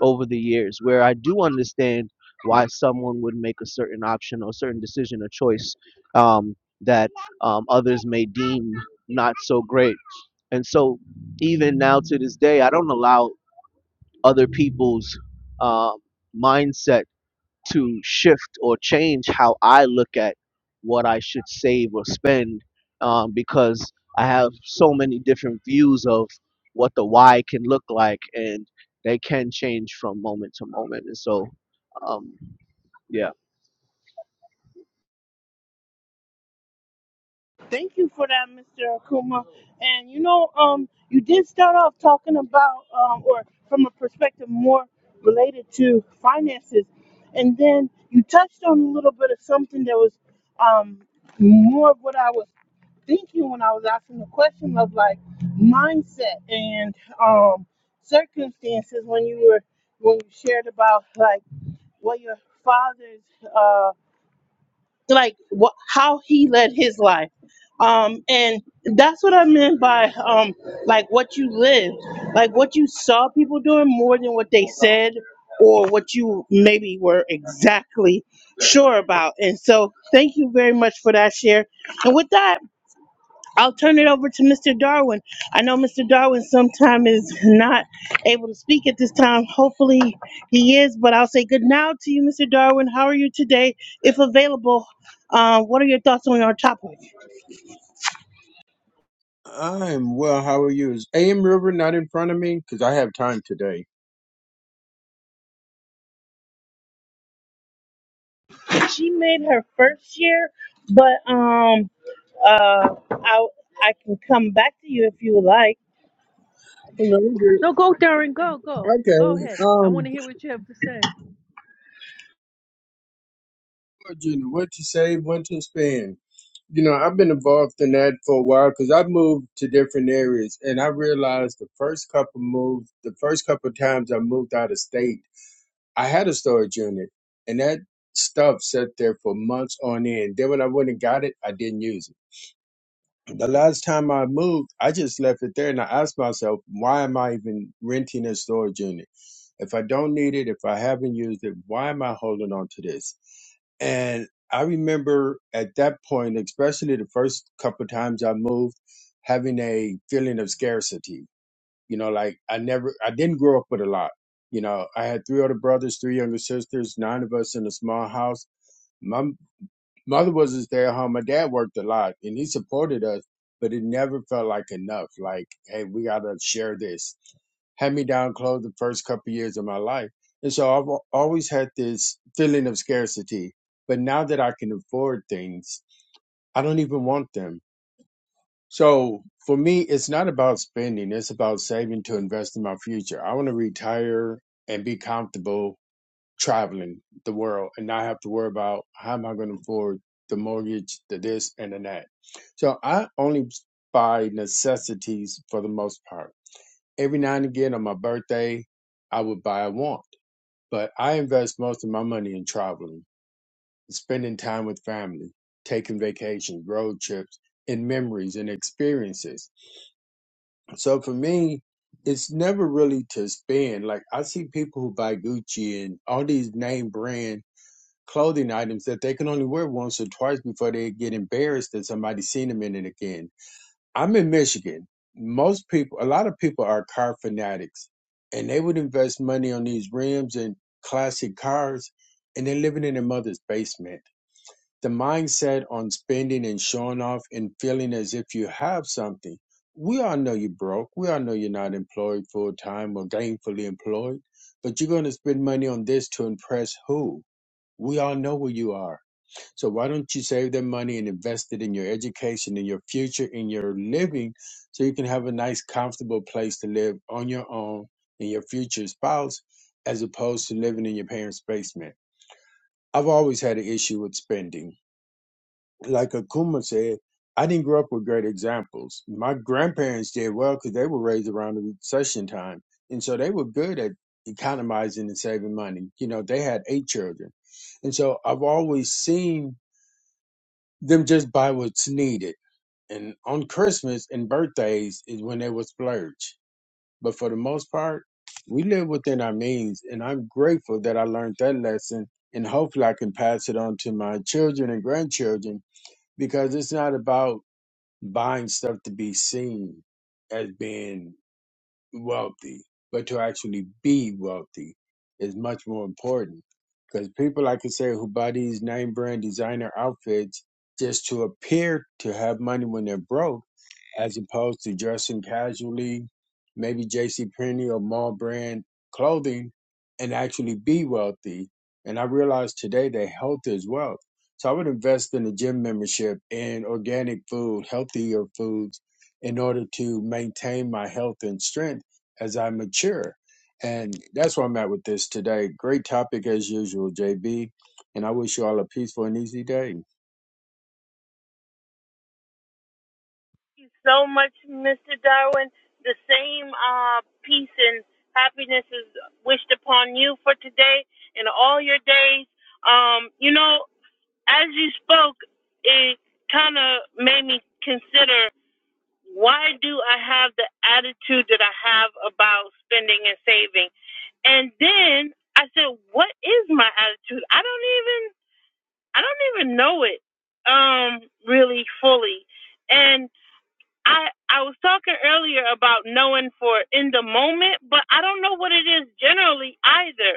[SPEAKER 3] over the years, where I do understand why someone would make a certain option or certain decision or choice um, that um, others may deem not so great. And so, even now to this day, I don't allow other people's uh, mindsets to shift or change how I look at what I should save or spend um, because I have so many different views of what the why can look like and they can change from moment to moment. And so, um, yeah.
[SPEAKER 1] Thank you for that, Mr. Akuma. And you know, um, you did start off talking about, um, or from a perspective more related to finances, and then you touched on a little bit of something that was, um, more of what I was thinking when I was asking the question of like mindset and um circumstances when you were when you shared about like what your father's uh, like what how he led his life um and that's what i meant by um like what you lived like what you saw people doing more than what they said or what you maybe were exactly sure about and so thank you very much for that share and with that I'll turn it over to Mr. Darwin. I know Mr. Darwin sometime is not able to speak at this time. Hopefully he is, but I'll say good now to you, Mr. Darwin. How are you today? If available, uh, what are your thoughts on our topic?
[SPEAKER 5] I'm well. How are you? Is AM River not in front of me? Because I have time today.
[SPEAKER 1] She made her first year, but um, uh, I I can come back to you if you would like.
[SPEAKER 5] Hello. you're-
[SPEAKER 4] No, go, Darren, go, go, go
[SPEAKER 5] Okay.
[SPEAKER 4] ahead. I want to
[SPEAKER 5] Um,
[SPEAKER 4] hear what you have to say.
[SPEAKER 5] Gina, what to save, what to spend. You know, I've been involved in that for a while because I've moved to different areas, and I realized the first couple moves, the first couple times I moved out of state, I had a storage unit, and that stuff sat there for months on end. Then when I went and got it, I didn't use it. the last time I moved, I just left it there and I asked myself, why am I even renting a storage unit? If I don't need it, if I haven't used it, why am I holding on to this? And I remember at that point, especially the first couple of times I moved, having a feeling of scarcity. You know, like I never, I didn't grow up with a lot. You know, I had three older brothers, three younger sisters, nine of us in a small house. Mother wasn't stay at home. My dad worked a lot and he supported us, but it never felt like enough. Like, hey, we gotta share this. Hand me down clothes the first couple years of my life. And so I've al- always had this feeling of scarcity. But now that I can afford things, I don't even want them. So for me, it's not about spending, it's about saving to invest in my future. I want to retire and be comfortable traveling the world and not have to worry about how am I going to afford the mortgage, the this and the that. So I only buy necessities for the most part. Every now and again on my birthday, I would buy a want, but I invest most of my money in traveling, spending time with family, taking vacations, road trips, and memories and experiences. So for me, it's never really to spend. Like I see people who buy Gucci and all these name brand clothing items that they can only wear once or twice before they get embarrassed that somebody's seen them in it again. I'm in Michigan. Most people, a lot of people are car fanatics and they would invest money on these rims and classic cars and they're living in their mother's basement. The mindset on spending and showing off and feeling as if you have something. We all know you're broke. We all know you're not employed full time or gainfully employed, but you're going to spend money on this to impress who? We all know where you are so why don't you save that money and invest it in your education, in your future, in your living, so you can have a nice, comfortable place to live on your own and your future spouse, as opposed to living in your parents' basement. I've always had an issue with spending. Like Akuma said, I didn't grow up with great examples. My grandparents did well because they were raised around the recession time, and so they were good at economizing and saving money. You know, they had eight children, and so I've always seen them just buy what's needed. And on Christmas and birthdays is when they would splurge. But for the most part, we live within our means. And I'm grateful that I learned that lesson. And hopefully I can pass it on to my children and grandchildren because it's not about buying stuff to be seen as being wealthy, but to actually be wealthy is much more important. Because people, like I say, who buy these name brand designer outfits just to appear to have money when they're broke as opposed to dressing casually, maybe J.C. Penney or mall brand clothing, and actually be wealthy. And I realized today that health is wealth. So I would invest in a gym membership and organic food, healthier foods, in order to maintain my health and strength as I mature. And that's where I'm at with this today. Great topic as usual, JB. And I wish you all a peaceful and easy day.
[SPEAKER 1] so much, Mr. Darwin. The same uh, peace and happiness is wished upon you for today and all your days. Um, you know, as you spoke, it kind of made me consider why do I have the attitude that I have about spending and saving? And then I said, what is my attitude? I don't even, I don't even know it um, really fully. And I I was talking earlier about knowing for in the moment, but I don't know what it is generally either.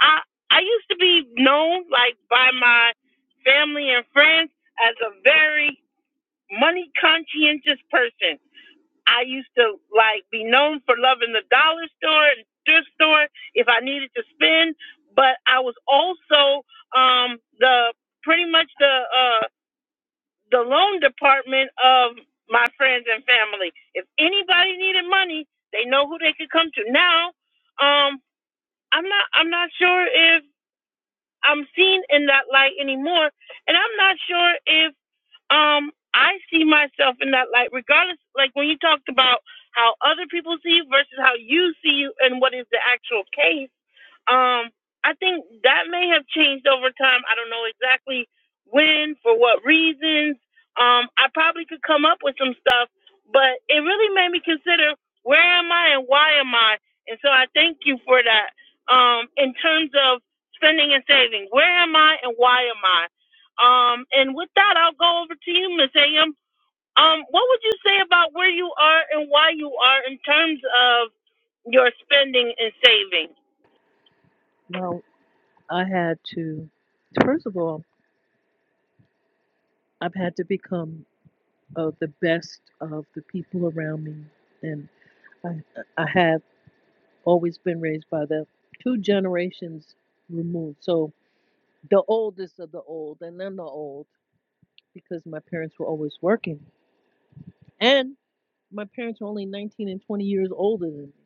[SPEAKER 1] I I used to be known like by my family and friends as a very money conscientious person. I used to like be known for loving the dollar store and thrift store if I needed to spend, but I was also um the pretty much the uh the loan department of my friends and family. If anybody needed money, they know who they could come to. Now, um, I'm not I'm not sure if I'm seen in that light anymore, and I'm not sure if um I see myself in that light, regardless. Like when you talked about how other people see you versus how you see you, and what is the actual case um, I think that may have changed over time. I don't know exactly when, for what reasons. Um, I probably could come up with some stuff, but it really made me consider where am I and why am I? And so I thank you for that. Um, in terms of spending and saving, where am I and why am I? Um, and with that, I'll go over to you, Miss Am. Um, what would you say about where you are and why you are in terms of your spending and saving?
[SPEAKER 4] Well, I had to, first of all, I've had to become uh, the best of the people around me, and I, I have always been raised by the two generations removed. So the oldest of the old, and then the old, because my parents were always working And my parents were only 19 and 20 years older than me.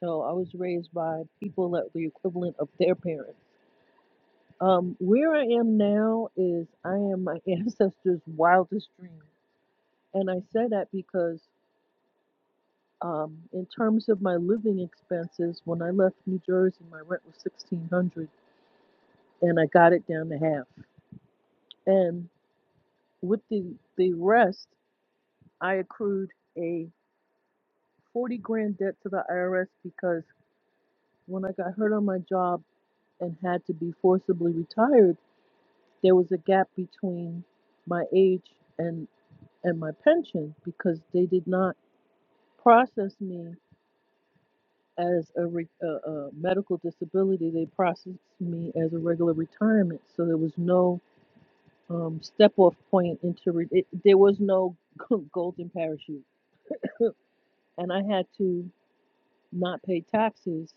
[SPEAKER 4] So I was raised by people that were the equivalent of their parents. Um, where I am now is I am my ancestors' wildest dream. And I say that because, um, in terms of my living expenses, when I left New Jersey, my rent was 1600 and I got it down to half. And with the, the rest, I accrued a 40 grand debt to the IRS because when I got hurt on my job, and had to be forcibly retired, there was a gap between my age and and my pension because they did not process me as a, re, a, a medical disability. They processed me as a regular retirement, so there was no um, step off point into re- it, there was no golden parachute, and I had to not pay taxes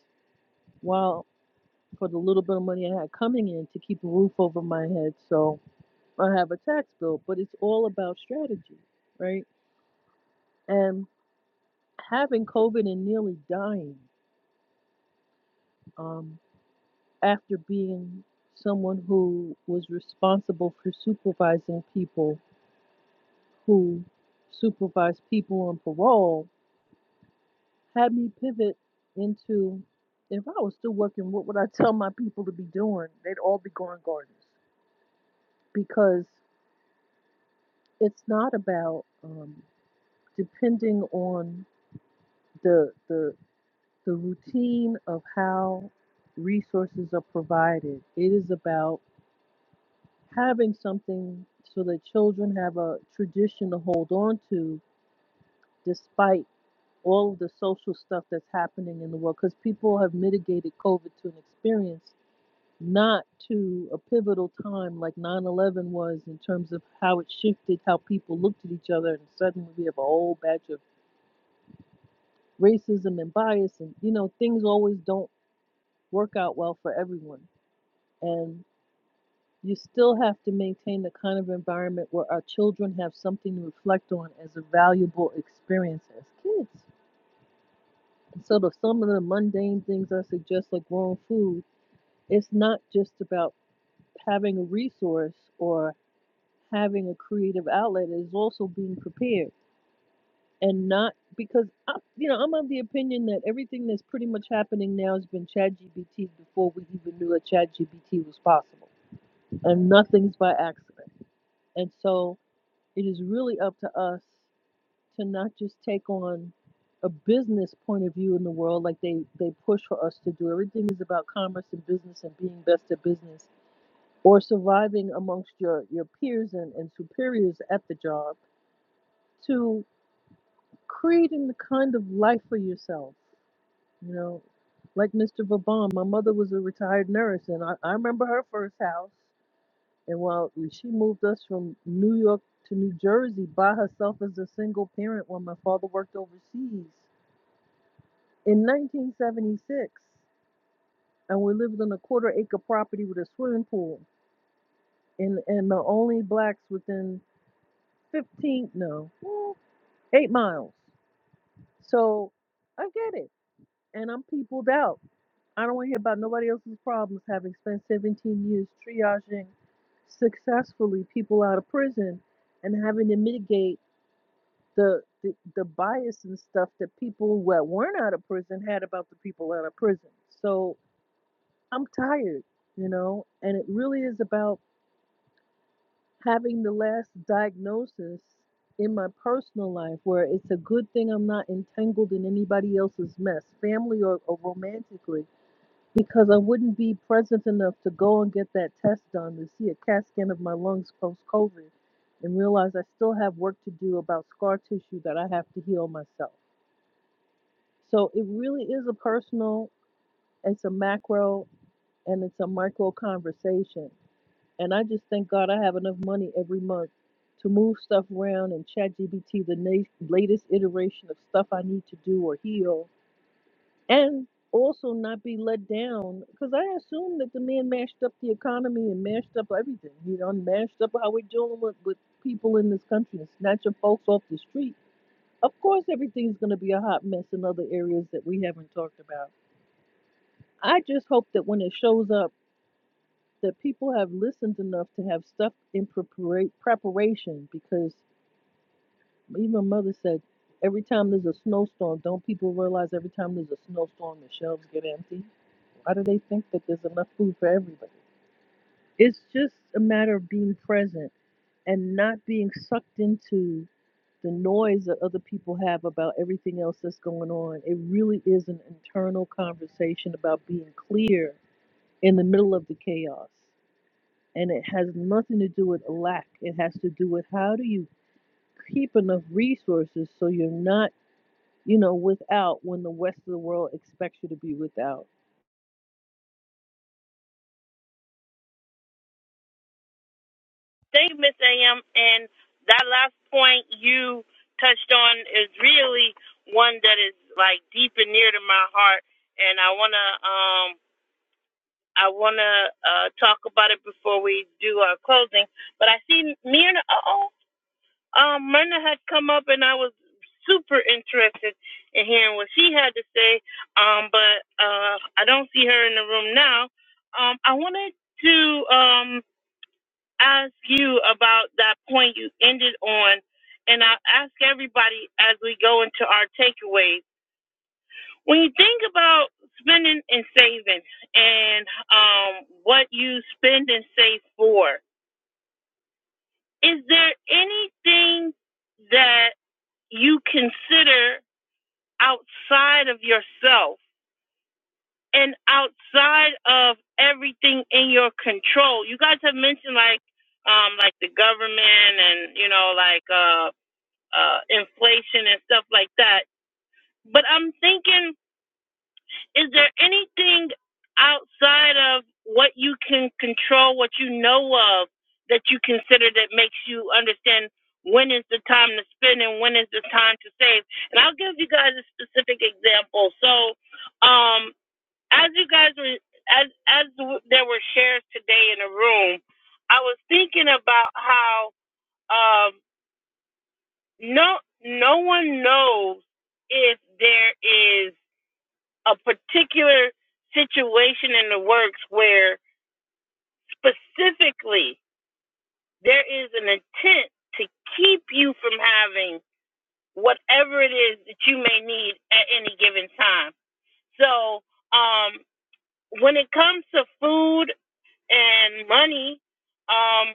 [SPEAKER 4] while for the little bit of money I had coming in to keep a roof over my head. So or have a tax bill, but it's all about strategy, right? And having COVID and nearly dying um, after being someone who was responsible for supervising people who supervised people on parole had me pivot into if I was still working, what would I tell my people to be doing? They'd all be growing gardens because it's not about um, depending on the the the routine of how resources are provided. It is about having something so that children have a tradition to hold on to despite all of the social stuff that's happening in the world because people have mitigated COVID to an experience, not to a pivotal time like 9 11 was in terms of how it shifted how people looked at each other, and suddenly we have a whole batch of racism and bias, and you know, things always don't work out well for everyone. And You still have to maintain the kind of environment where our children have something to reflect on as a valuable experience as kids. And so, the, some of the mundane things I suggest, like growing food, it's not just about having a resource or having a creative outlet. It's also being prepared and not because I, you know I'm of the opinion that everything that's pretty much happening now has been ChatGPT before we even knew that ChatGPT was possible, and nothing's by accident. And so It is really up to us to not just take on a business point of view in the world like they, they push for us to do. Everything is about commerce and business and being best at business or surviving amongst your, your peers and, and superiors at the job to creating the kind of life for yourself. You know, like Mr. Vaban, my mother was a retired nurse and I, I remember her first house. And while she moved us from New York to New Jersey by herself as a single parent while my father worked overseas in 1976. And we lived on a quarter acre property with a swimming pool and, and the only blacks within 15, no, mm, eight miles. So I get it. And I'm peopled out. I don't want to hear about nobody else's problems having spent 17 years triaging successfully people out of prison and having to mitigate the the, the bias and stuff that people that weren't out of prison had about the people out of prison. So I'm tired, you know, and it really is about having the last diagnosis in my personal life where it's a good thing I'm not entangled in anybody else's mess, family or, or romantically, because I wouldn't be present enough to go and get that test done to see a CAT scan of my lungs post COVID and realize I still have work to do about scar tissue that I have to heal myself. So it really is a personal, it's a macro, and it's a micro conversation. And I just thank God I have enough money every month to move stuff around and ChatGPT the na- latest iteration of stuff I need to do or heal and also not be let down because I assume that the man mashed up the economy and mashed up everything, you know, mashed up how we're dealing with, with people in this country and snatching folks off the street. Of course, everything's going to be a hot mess in other areas that we haven't talked about I just hope that when it shows up, that people have listened enough to have stuff in prepara- preparation. Because even Mother said, every time there's a snowstorm, don't people realize every time there's a snowstorm, the shelves get empty? Why do they think that there's enough food for everybody? It's just a matter of being present and not being sucked into the noise that other people have about everything else that's going on. It really is an internal conversation about being clear in the middle of the chaos. and it has nothing to do with lack. It has to do with how do you keep enough resources so you're not, you know, without when the rest of the world expects you to be without.
[SPEAKER 1] Thank you, Miss A.M. And that last point you touched on is really one that is like deep and near to my heart, and I wanna um I wanna uh talk about it before we do our closing. But I see Myrna. Oh, um, Myrna had come up, and I was super interested in hearing what she had to say. Um, but uh, I don't see her in the room now. Um, I wanted to um ask you about that point you ended on, and I ask everybody as we go into our takeaways. When you think about spending and saving and um, what you spend and save for, is there anything that you consider outside of yourself and outside of everything in your control? You guys have mentioned like um, like the government and you know like uh, uh, inflation and stuff like that. But I'm thinking, is there anything outside of what you can control, what you know of, that you consider that makes you understand when is the time to spend and when is the time to save? And I'll give you guys a specific example. So, um, as you guys were, as as there were shares today in the room, I was thinking about how. Um, no no one knows if there is a particular situation in the works where specifically there is an intent to keep you from having whatever it is that you may need at any given time so um when it comes to food and money um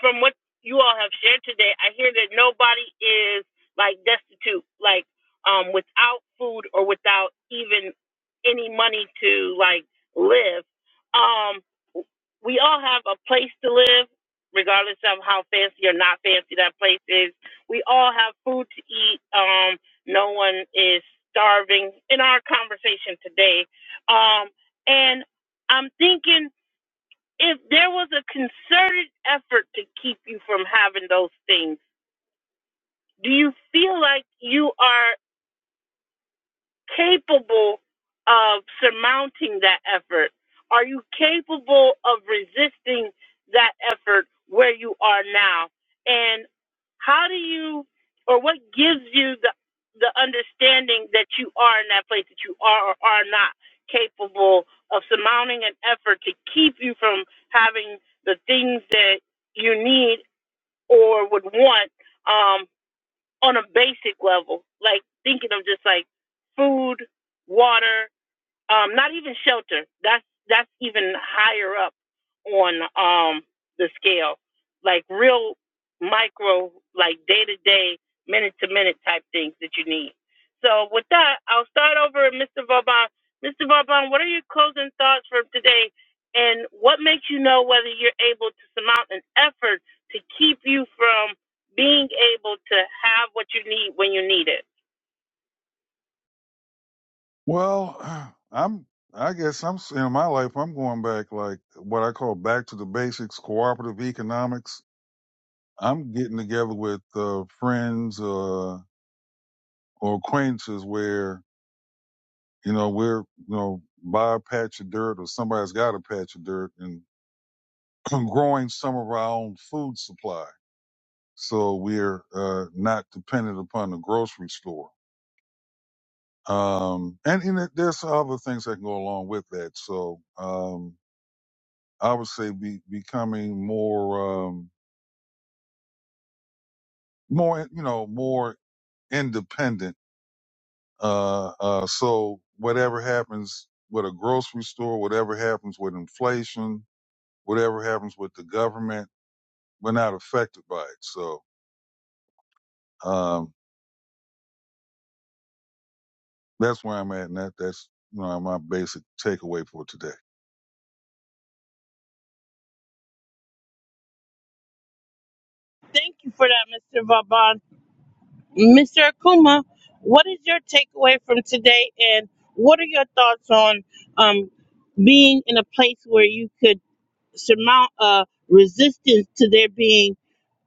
[SPEAKER 1] from what you all have shared today, I hear that nobody is like destitute, like um, without food or without even any money to like live. Um, we all have a place to live, regardless of how fancy or not fancy that place is. We all have food to eat. Um, no one is starving in our conversation today. Um, and I'm thinking if there was a concerted effort to keep you from having those things, do you feel like you are? capable of surmounting that effort? Are you capable of resisting that effort where you are now? And how do you, or what gives you the the understanding that you are in that place that you are or are not capable of surmounting an effort to keep you from having the things that you need or would want um, on a basic level, like thinking of just like food, water, um, not even shelter. That's that's even higher up on um, the scale, like real micro, like day to day, minute to minute type things that you need. So with that, I'll start over, with Mr. Vauban. Mr. Vauban, what are your closing thoughts for today, and what makes you know whether you're able to surmount an effort to keep you from being able to have what you need when you need it?
[SPEAKER 2] Well, I'm. I guess I'm in my life. I'm going back like what I call back to the basics, cooperative economics. I'm getting together with uh, friends uh, or acquaintances where you know we're you know buy a patch of dirt or somebody's got a patch of dirt and growing some of our own food supply, so we're uh, not dependent upon the grocery store. Um, and, and there's other things that can go along with that. So. Um, I would say be, becoming more, um, more, you know, more independent. Uh, uh, so whatever happens with a grocery store, whatever happens with inflation, whatever happens with the government, we're not affected by it. So, um, that's where I'm at. And that, that's, you know, my basic takeaway for today.
[SPEAKER 1] Thank you for that, Mr. Vauban. Mr. Akuma, what is your takeaway from today, and what are your thoughts on um, being in a place where you could surmount a resistance to there being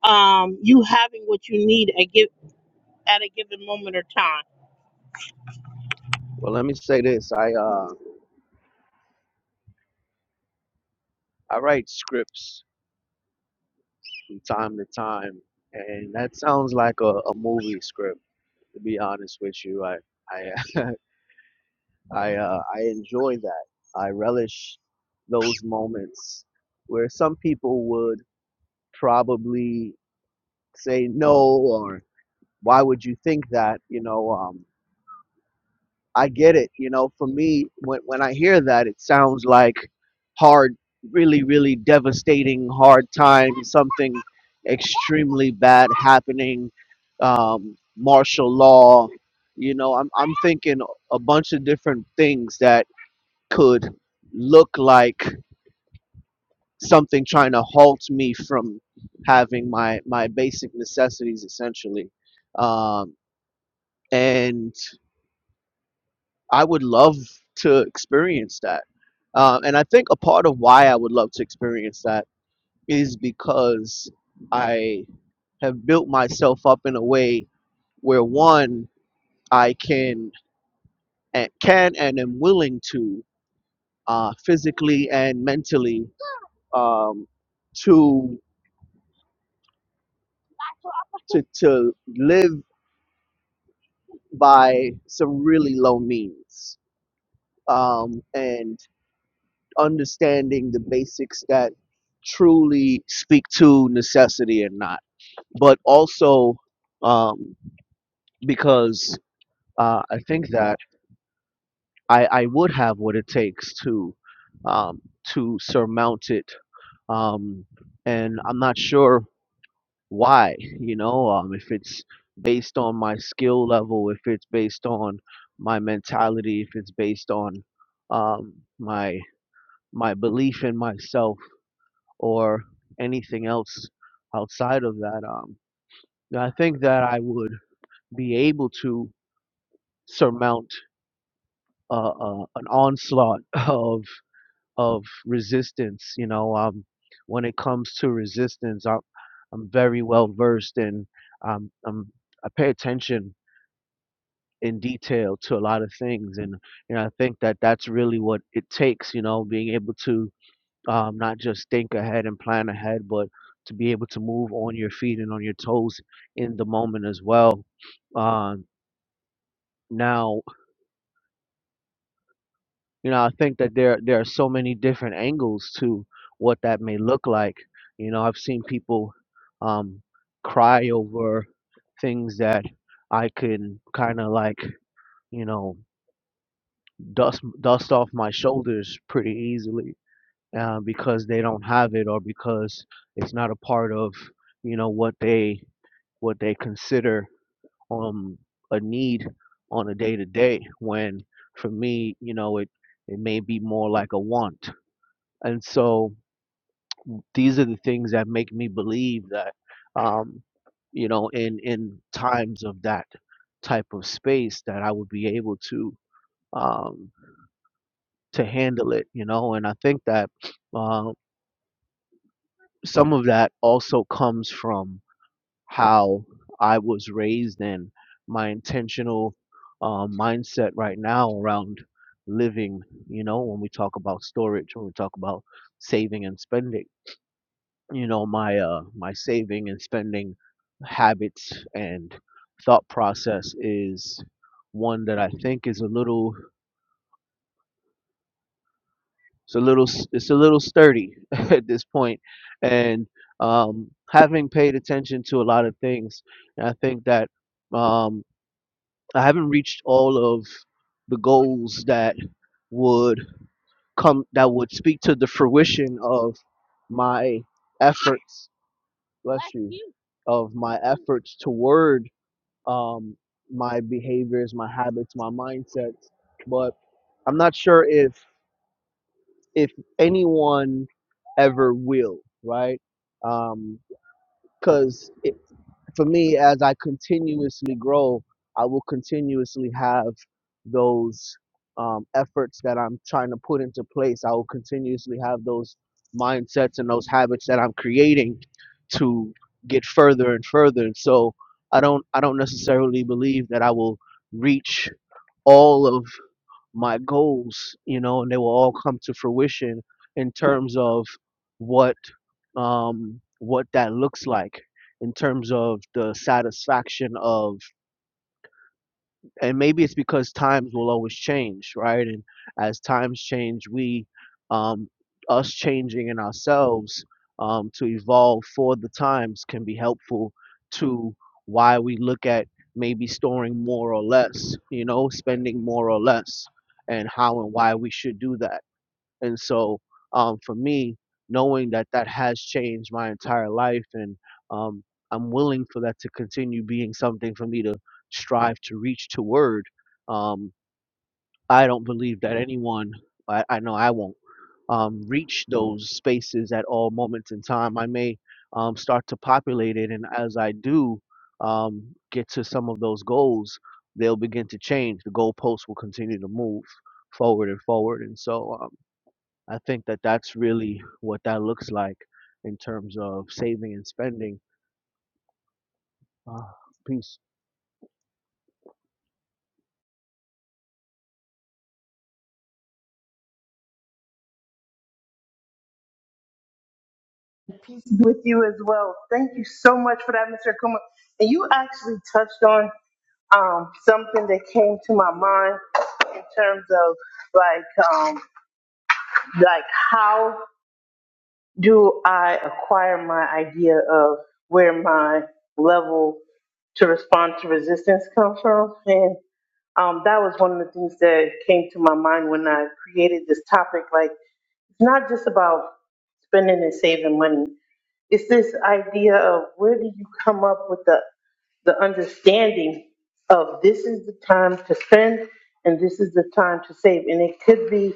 [SPEAKER 1] um, you having what you need at, give, at a given moment or time?
[SPEAKER 3] Well, let me say this. I uh, I write scripts from time to time, and that sounds like a, a movie script. To be honest with you, I I I uh, I enjoy that. I relish those moments where some people would probably say no or why would you think that? You know, um. I get it. You know, for me, when when I hear that, it sounds like hard, really, really devastating, hard time, something extremely bad happening, um, martial law. You know, I'm I'm thinking a bunch of different things that could look like something trying to halt me from having my my basic necessities essentially um and I would love to experience that. Uh, and I think a part of why I would love to experience that is because I have built myself up in a way where one, I can and can and am willing to uh, physically and mentally um, to to to live by some really low means. Um, and understanding the basics that truly speak to necessity and not, but also um, because uh, I think that I, I would have what it takes to um, to surmount it, um, and I'm not sure why. You know, um, if it's based on my skill level, if it's based on my mentality, if it's based on um, my my belief in myself or anything else outside of that. Um, I think that I would be able to surmount uh, uh, an onslaught of of resistance. You know, um, when it comes to resistance, I'm I'm very well versed and um, I'm, I pay attention in detail to a lot of things, and you know, I think that that's really what it takes. You know, being able to um, not just think ahead and plan ahead, but to be able to move on your feet and on your toes in the moment as well. Um, now, you know, I think that there there are so many different angles to what that may look like. You know, I've seen people um, cry over things that I can kind of like, you know, dust dust off my shoulders pretty easily uh, because they don't have it or because it's not a part of, you know, what they what they consider um a need on a day to day when for me you know it it may be more like a want and so these are the things that make me believe that um you know in in times of that type of space that I would be able to um to handle it you know and I think that uh, some of that also comes from how I was raised and my intentional uh, mindset right now around living. You know, when we talk about storage, when we talk about saving and spending, you know, my uh, my saving and spending habits and thought process is one that I think is a little it's a little s- it's a little sturdy at this point point. and um having paid attention to a lot of things I think that um I haven't reached all of the goals that would come that would speak to the fruition of my efforts. Bless you. Of my efforts toward um, my behaviors, my habits, my mindsets. But I'm not sure if if anyone ever will, right? Because for me, as I continuously grow, I will continuously have those um, efforts that I'm trying to put into place. I will continuously have those mindsets and those habits that I'm creating to get further and further. And so I don't I don't necessarily believe that I will reach all of my goals, you know, and they will all come to fruition in terms of what um, what that looks like, in terms of the satisfaction of and maybe it's because times will always change, right? And as times change, we, um, us changing in ourselves um, to evolve for the times can be helpful to why we look at maybe storing more or less, you know, spending more or less, and how and why we should do that. And so, um, for me, knowing that that has changed my entire life, and um, I'm willing for that to continue being something for me to strive to reach toward. Um, I don't believe that anyone, I, I know I won't um, reach those spaces at all moments in time. I may um, start to populate it, and as I do um, get to some of those goals, they'll begin to change. The goalposts will continue to move forward and forward, and so. I think that that's really what that looks like in terms of saving and spending. Uh, peace.
[SPEAKER 1] Peace be with you as well. Thank you so much for that, Mr. Akuma. And you actually touched on um, something that came to my mind in terms of like um, like how do I acquire my idea of where my level to respond to resistance comes from? And um, that was one of the things that came to my mind when I created this topic. Like, it's not just about spending and saving money. It's this idea of where do you come up with the the understanding of this is the time to spend and this is the time to save. And it could be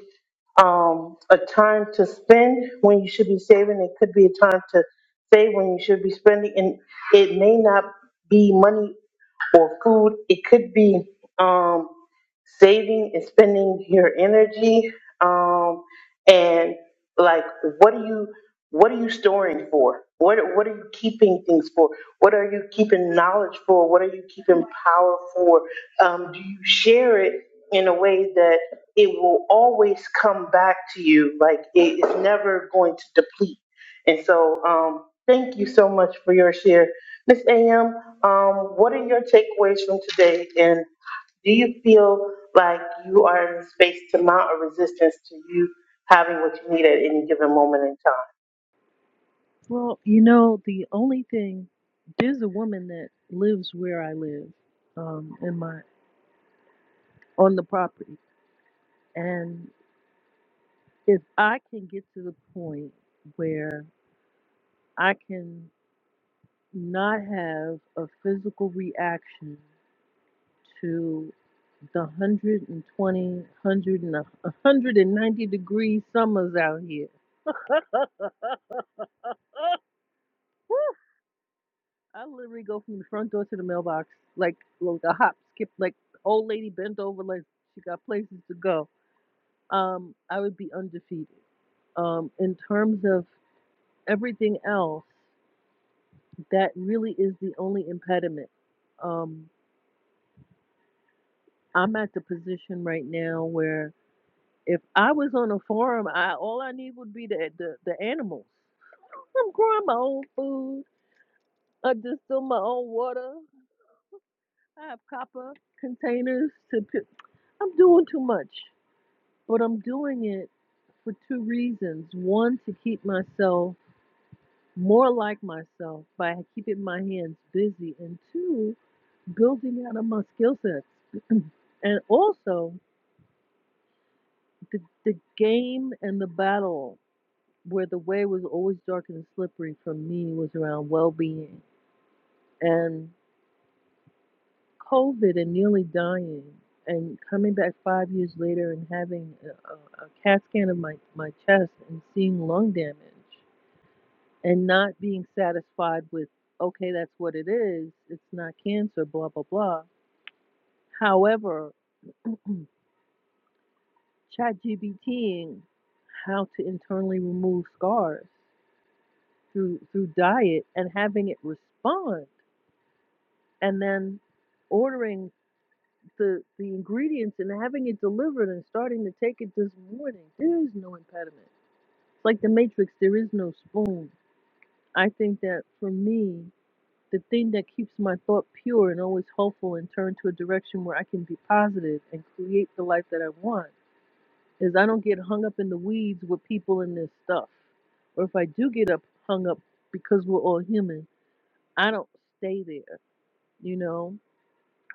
[SPEAKER 1] um, a time to spend when you should be saving. It could be a time to save when you should be spending. And it may not be money or food. It could be um, saving and spending your energy. Um, and like, what do you? What are you storing for? What what are you keeping things for? What are you keeping knowledge for? What are you keeping power for? Um, do you share it in a way that it will always come back to you? Like it is never going to deplete. And so, um, thank you so much for your share, Miss Am. Um, what are your takeaways from today? And do you feel like you are in a space to mount a resistance to you having what you need at any given moment in time?
[SPEAKER 4] Well, you know, the only thing there's a woman that lives where I live, um, in my on the property, and if I can get to the point where I can not have a physical reaction to the 120, and a- 190 degree summers out here. I literally go from the front door to the mailbox like like a hop, skip, like old lady bent over like she got places to go. Um, I would be undefeated. Um, in terms of everything else, that really is the only impediment. Um, I'm at the position right now where if I was on a farm, I all I need would be the the, the animals. I'm growing my own food. I distill my own water. I have copper containers to put. I'm doing too much, but I'm doing it for two reasons. One, to keep myself more like myself by keeping my hands busy, and two, building out of my skill sets. And also, the, the game and the battle where the way was always dark and slippery for me was around well being. And COVID and nearly dying and coming back five years later and having a, a, a CAT scan of my, my chest and seeing lung damage and not being satisfied with, okay, that's what it is, it's not cancer, blah, blah, blah. However, chatgpting how to internally remove scars through through diet and having it respond and then ordering the the ingredients and having it delivered and starting to take it this morning. There is no impediment. It's like the Matrix. There is no spoon. I think that for me, the thing that keeps my thought pure and always hopeful and turned to a direction where I can be positive and create the life that I want is I don't get hung up in the weeds with people and their stuff. Or if I do get up hung up because we're all human, I don't stay there. You know,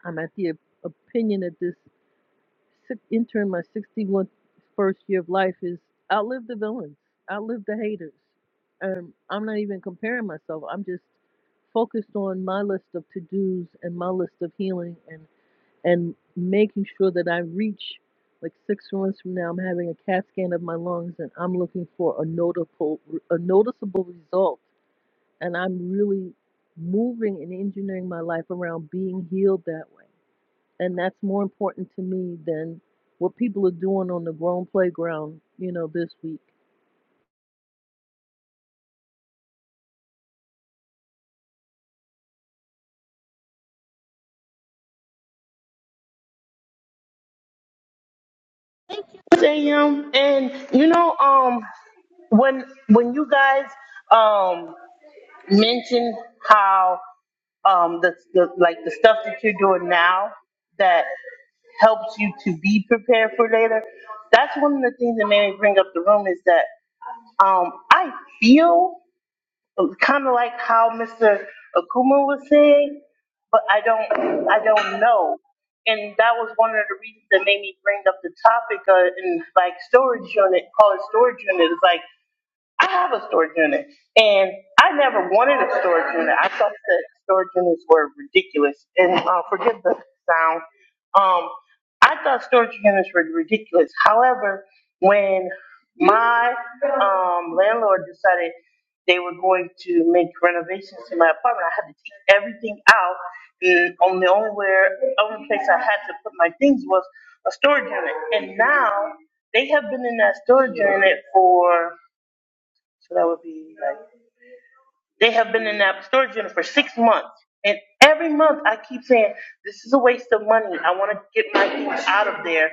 [SPEAKER 4] I'm at the opinion at this. six, entering my 61st year of life is outlive the villains, outlive the haters. Um, I'm not even comparing myself. I'm just focused on my list of to dos and my list of healing and and making sure that I reach. Like six months from now, I'm having a CAT scan of my lungs, and I'm looking for a notable, a noticeable result. And I'm really moving and engineering my life around being healed that way and that's more important to me than what people are doing on the grown playground, you know, this week.
[SPEAKER 1] am. And you know, um, when when you guys um mentioned how um the, the like the stuff that you're doing now that helps you to be prepared for later. That's one of the things that made me bring up the room is that um, I feel kind of like how Mr. Akuma was saying, but I don't, I don't know. And that was one of the reasons that made me bring up the topic uh, in like storage unit, call it storage unit. It's like I have a storage unit, and I never wanted a storage unit. I thought that storage units were ridiculous, and uh, forgive the sound. Um, I thought storage units were ridiculous. However, when my um, landlord decided they were going to make renovations to my apartment, I had to take everything out, and on the only where only place I had to put my things was a storage unit. And now they have been in that storage unit for so that would be like they have been in that storage unit for six months. And every month I keep saying, This is a waste of money. I want to get my things out of there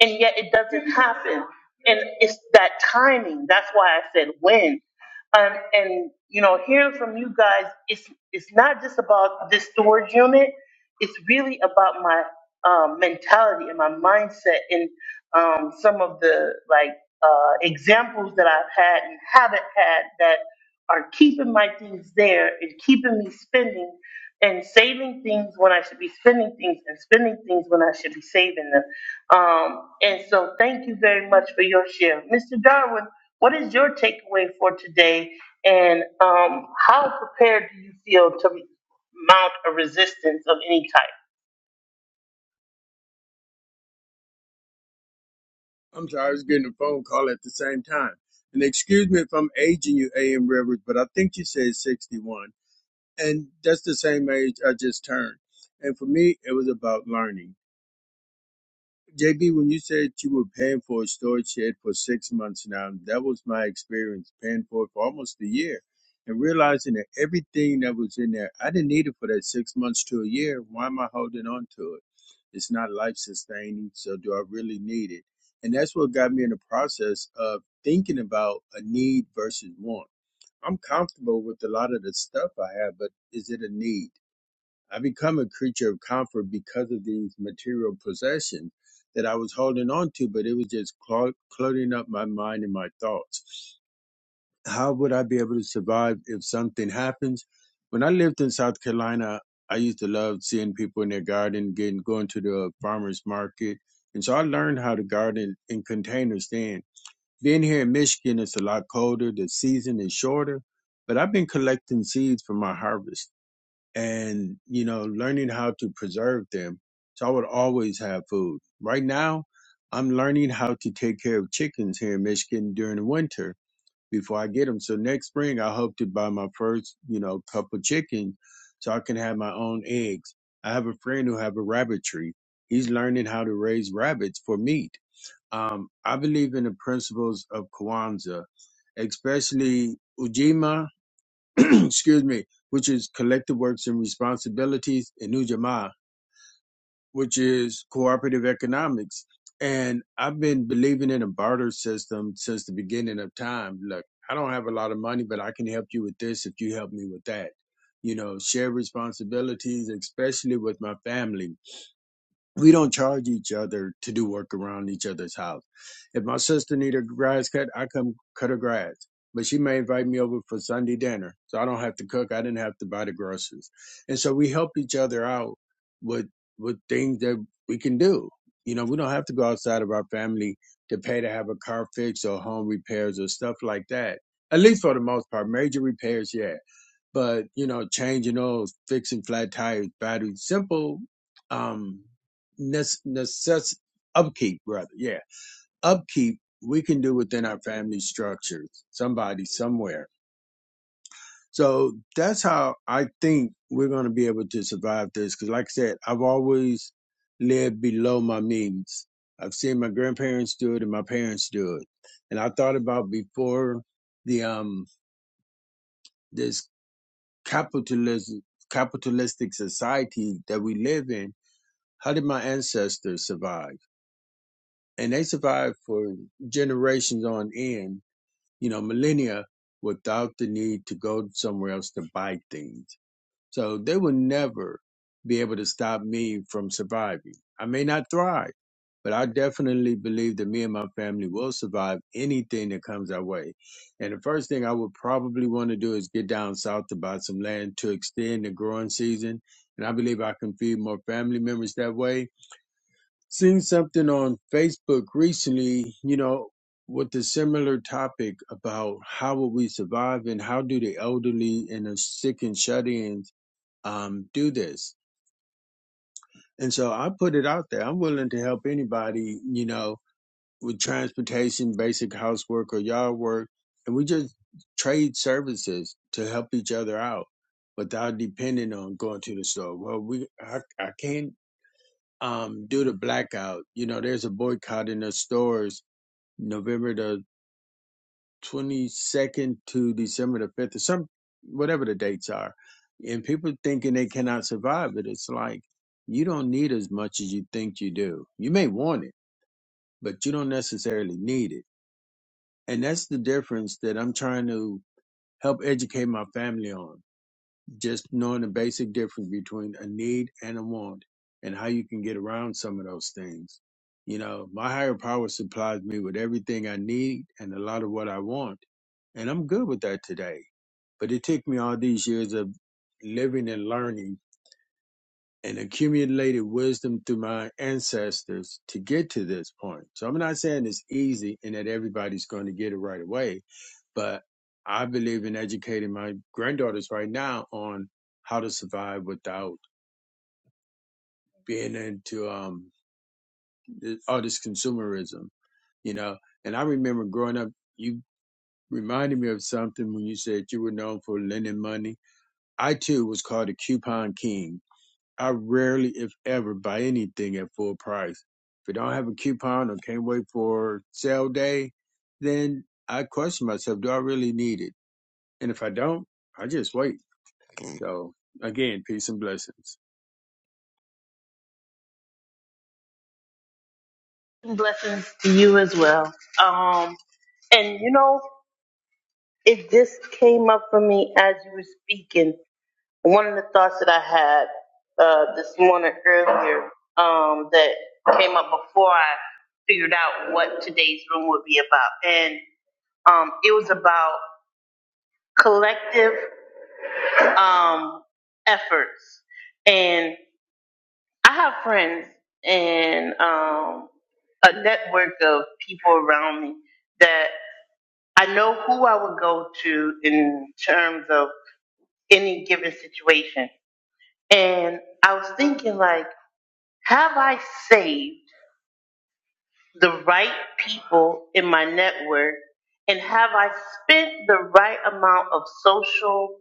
[SPEAKER 1] and yet it doesn't happen. And it's that timing. That's why I said when. Um, and you know, hearing from you guys, it's it's not just about this storage unit. It's really about my um, mentality and my mindset and um, some of the like uh, examples that I've had and haven't had that are keeping my things there and keeping me spending and saving things when I should be spending things and spending things when I should be saving them um, and so thank you very much for your share. Mr. Darwin, what is your takeaway for today? And um, how prepared do you feel to mount a resistance of any
[SPEAKER 5] I'm sorry, I was getting a phone call at the same time. And excuse me if I'm aging you, A.M. Rivers, but I think you said 61. And that's the same age I just turned. And for me, it was about learning. JB, when you said you were paying for a storage shed for six months now, that was my experience paying for it for almost a year and realizing that everything that was in there, I didn't need it for that six months to a year. Why am I holding on to it? It's not life sustaining, so do I really need it? And that's what got me in the process of thinking about a need versus want. I'm comfortable with a lot of the stuff I have, but is it a need? I become a creature of comfort because of these material possessions that I was holding on to, but it was just clo- cluttering up my mind and my thoughts. How would I be able to survive if something happens? When I lived in South Carolina, I used to love seeing people in their garden, getting going to the farmers market, and so I learned how to garden in containers then. Being here in Michigan, it's a lot colder. The season is shorter, but I've been collecting seeds for my harvest and you know learning how to preserve them so i would always have food right now i'm learning how to take care of chickens here in michigan during the winter before i get them so next spring i hope to buy my first you know couple chickens so i can have my own eggs i have a friend who have a rabbitry he's learning how to raise rabbits for meat um, i believe in the principles of kwanzaa especially ujima excuse me, which is collective works and responsibilities, and New Jamaa, which is cooperative economics. And I've been believing in a barter system since the beginning of time. Look, I don't have a lot of money, but I can help you with this if you help me with that. You know, share responsibilities, especially with my family we don't charge each other to do work around each other's house. If my sister need her grass cut, I come cut her grass. But she may invite me over for Sunday dinner, so I don't have to cook. I didn't have to buy the groceries, and so we help each other out with with things that we can do. You know, we don't have to go outside of our family to pay to have a car fixed or home repairs or stuff like that. At least for the most part, major repairs, yeah but you know, changing oils, fixing flat tires, batteries, simple um, necess- necess- upkeep, brother. Yeah, upkeep we can do within our family structures. Somebody somewhere. So that's how I think we're going to be able to survive this. Because, like I said, I've always lived below my means. I've seen my grandparents do it and my parents do it, and I thought about before the um this capitalism, capitalistic society that we live in, how did my ancestors survive? And they survived for generations on end, you know, millennia without the need to go somewhere else to buy things. So they will never be able to stop me from surviving. I may not thrive, but I definitely believe that me and my family will survive anything that comes our way. And the first thing I would probably want to do is get down south to buy some land to extend the growing season. And I believe I can feed more family members that way. Seen something on Facebook recently, you know, with a similar topic about how will we survive and how do the elderly and the sick and shut-ins um, do this. And so I put it out there. I'm willing to help anybody, you know, with transportation, basic housework or yard work. And we just trade services to help each other out without depending on going to the store. Well, we, I, I can't, um, do the blackout. You know, there's a boycott in the stores November the 22nd to December the 5th, or some whatever the dates are. And people thinking they cannot survive it. It's like you don't need as much as you think you do. You may want it, but you don't necessarily need it. And that's the difference that I'm trying to help educate my family on just knowing the basic difference between a need and a want and how you can get around some of those things. You know, my higher power supplies me with everything I need and a lot of what I want. And I'm good with that today. But it took me all these years of living and learning and accumulated wisdom through my ancestors to get to this point. So I'm not saying it's easy and that everybody's going to get it right away but I believe in educating my granddaughters right now on how to survive without being into um th- all this consumerism, you know. And I remember growing up, you reminded me of something when you said you were known for lending money. I too was called a coupon king. I rarely, if ever, buy anything at full price. If I don't have a coupon or can't wait for sale day, then I question myself, do I really need it? And if I don't, I just wait So again, peace and blessings.
[SPEAKER 1] type? Blessings to you as well. Um, and you know, it just came up for me as you were speaking. One of the thoughts that I had uh, this morning earlier um, that came up before I figured out what today's room would be about. and. Um, it was about collective um, efforts. And I have friends and um, a network of people around me that I know who I would go to in terms of any given situation. And I was thinking, like, have I saved? the right people in my network? And have I spent the right amount of social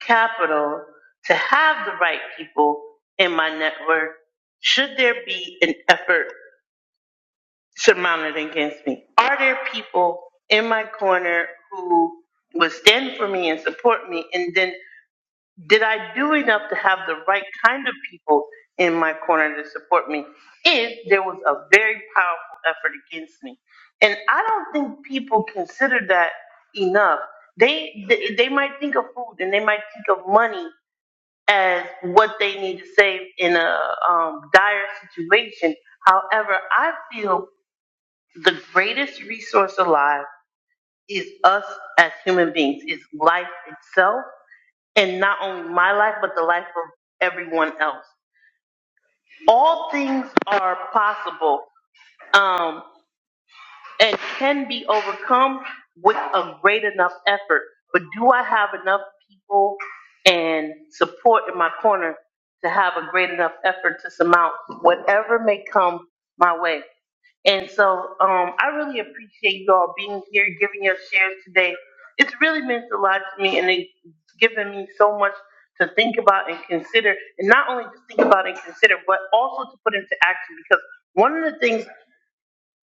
[SPEAKER 1] capital to have the right people in my network? Should there be an effort surmounted against me? Are there people in my corner who would stand for me and support me? And then did I do enough to have the right kind of people in my corner to support me if there was a very powerful effort against me? And I don't think people consider that enough. They, they they might think of food and they might think of money as what they need to save in a um, dire situation. However, I feel the greatest resource alive is us as human beings, is life itself in not only my life but the life of everyone else. All things are possible um, and can be overcome with a great enough effort. But do I have enough people and support in my corner to have a great enough effort to surmount whatever may come my way? And so um, I really appreciate you all being here, giving your shares today. It's really meant a lot to me, and it's given me so much to think about and consider, and not only to think about and consider, but also to put into action. Because one of the things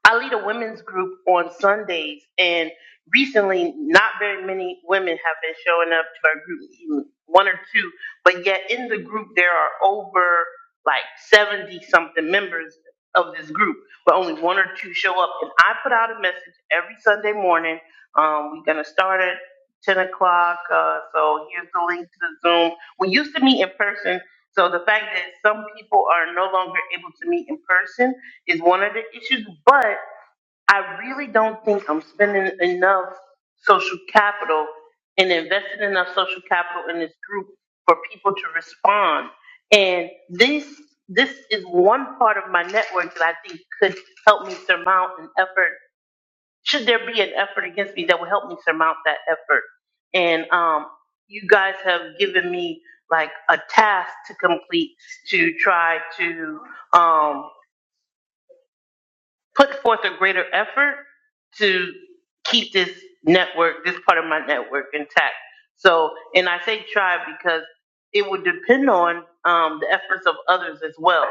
[SPEAKER 1] I lead a women's group on Sundays, and recently, not very many women have been showing up to our group, even one or two, but yet in the group, there are over like 70 something members of this group, but only one or two show up. And I put out a message every Sunday morning. Um, we're going to start at 10 o'clock, uh, so here's the link to the Zoom. We used to meet in person, so the fact that some people are no longer able to meet in person is one of the issues, but I really don't think I'm spending enough social capital and investing enough social capital in this group for people to respond. And this this is one part of my network that I think could help me surmount an effort. Should there be an effort against me that will help me surmount that effort? And um, you guys have given me like a task to complete to try to um, put forth a greater effort to keep this network, this part of my network intact. So, and I say try because it would depend on um, the efforts of others as well.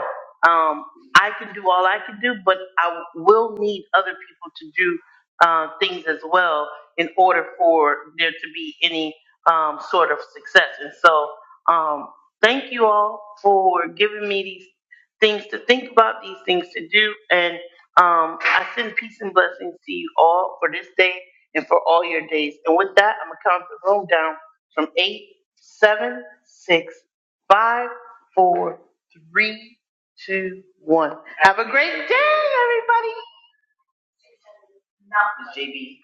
[SPEAKER 1] Um, I can do all I can do, but I will need other people to do uh, things as well in order for there to be any um, sort of success. And so, um, thank you all for giving me these things to think about, these things to do, and um, I send peace and blessings to you all for this day and for all your days. And with that, I'm gonna count the room down from eight, seven, six, five, four, three, two, one. Have a great day, everybody. Not JB.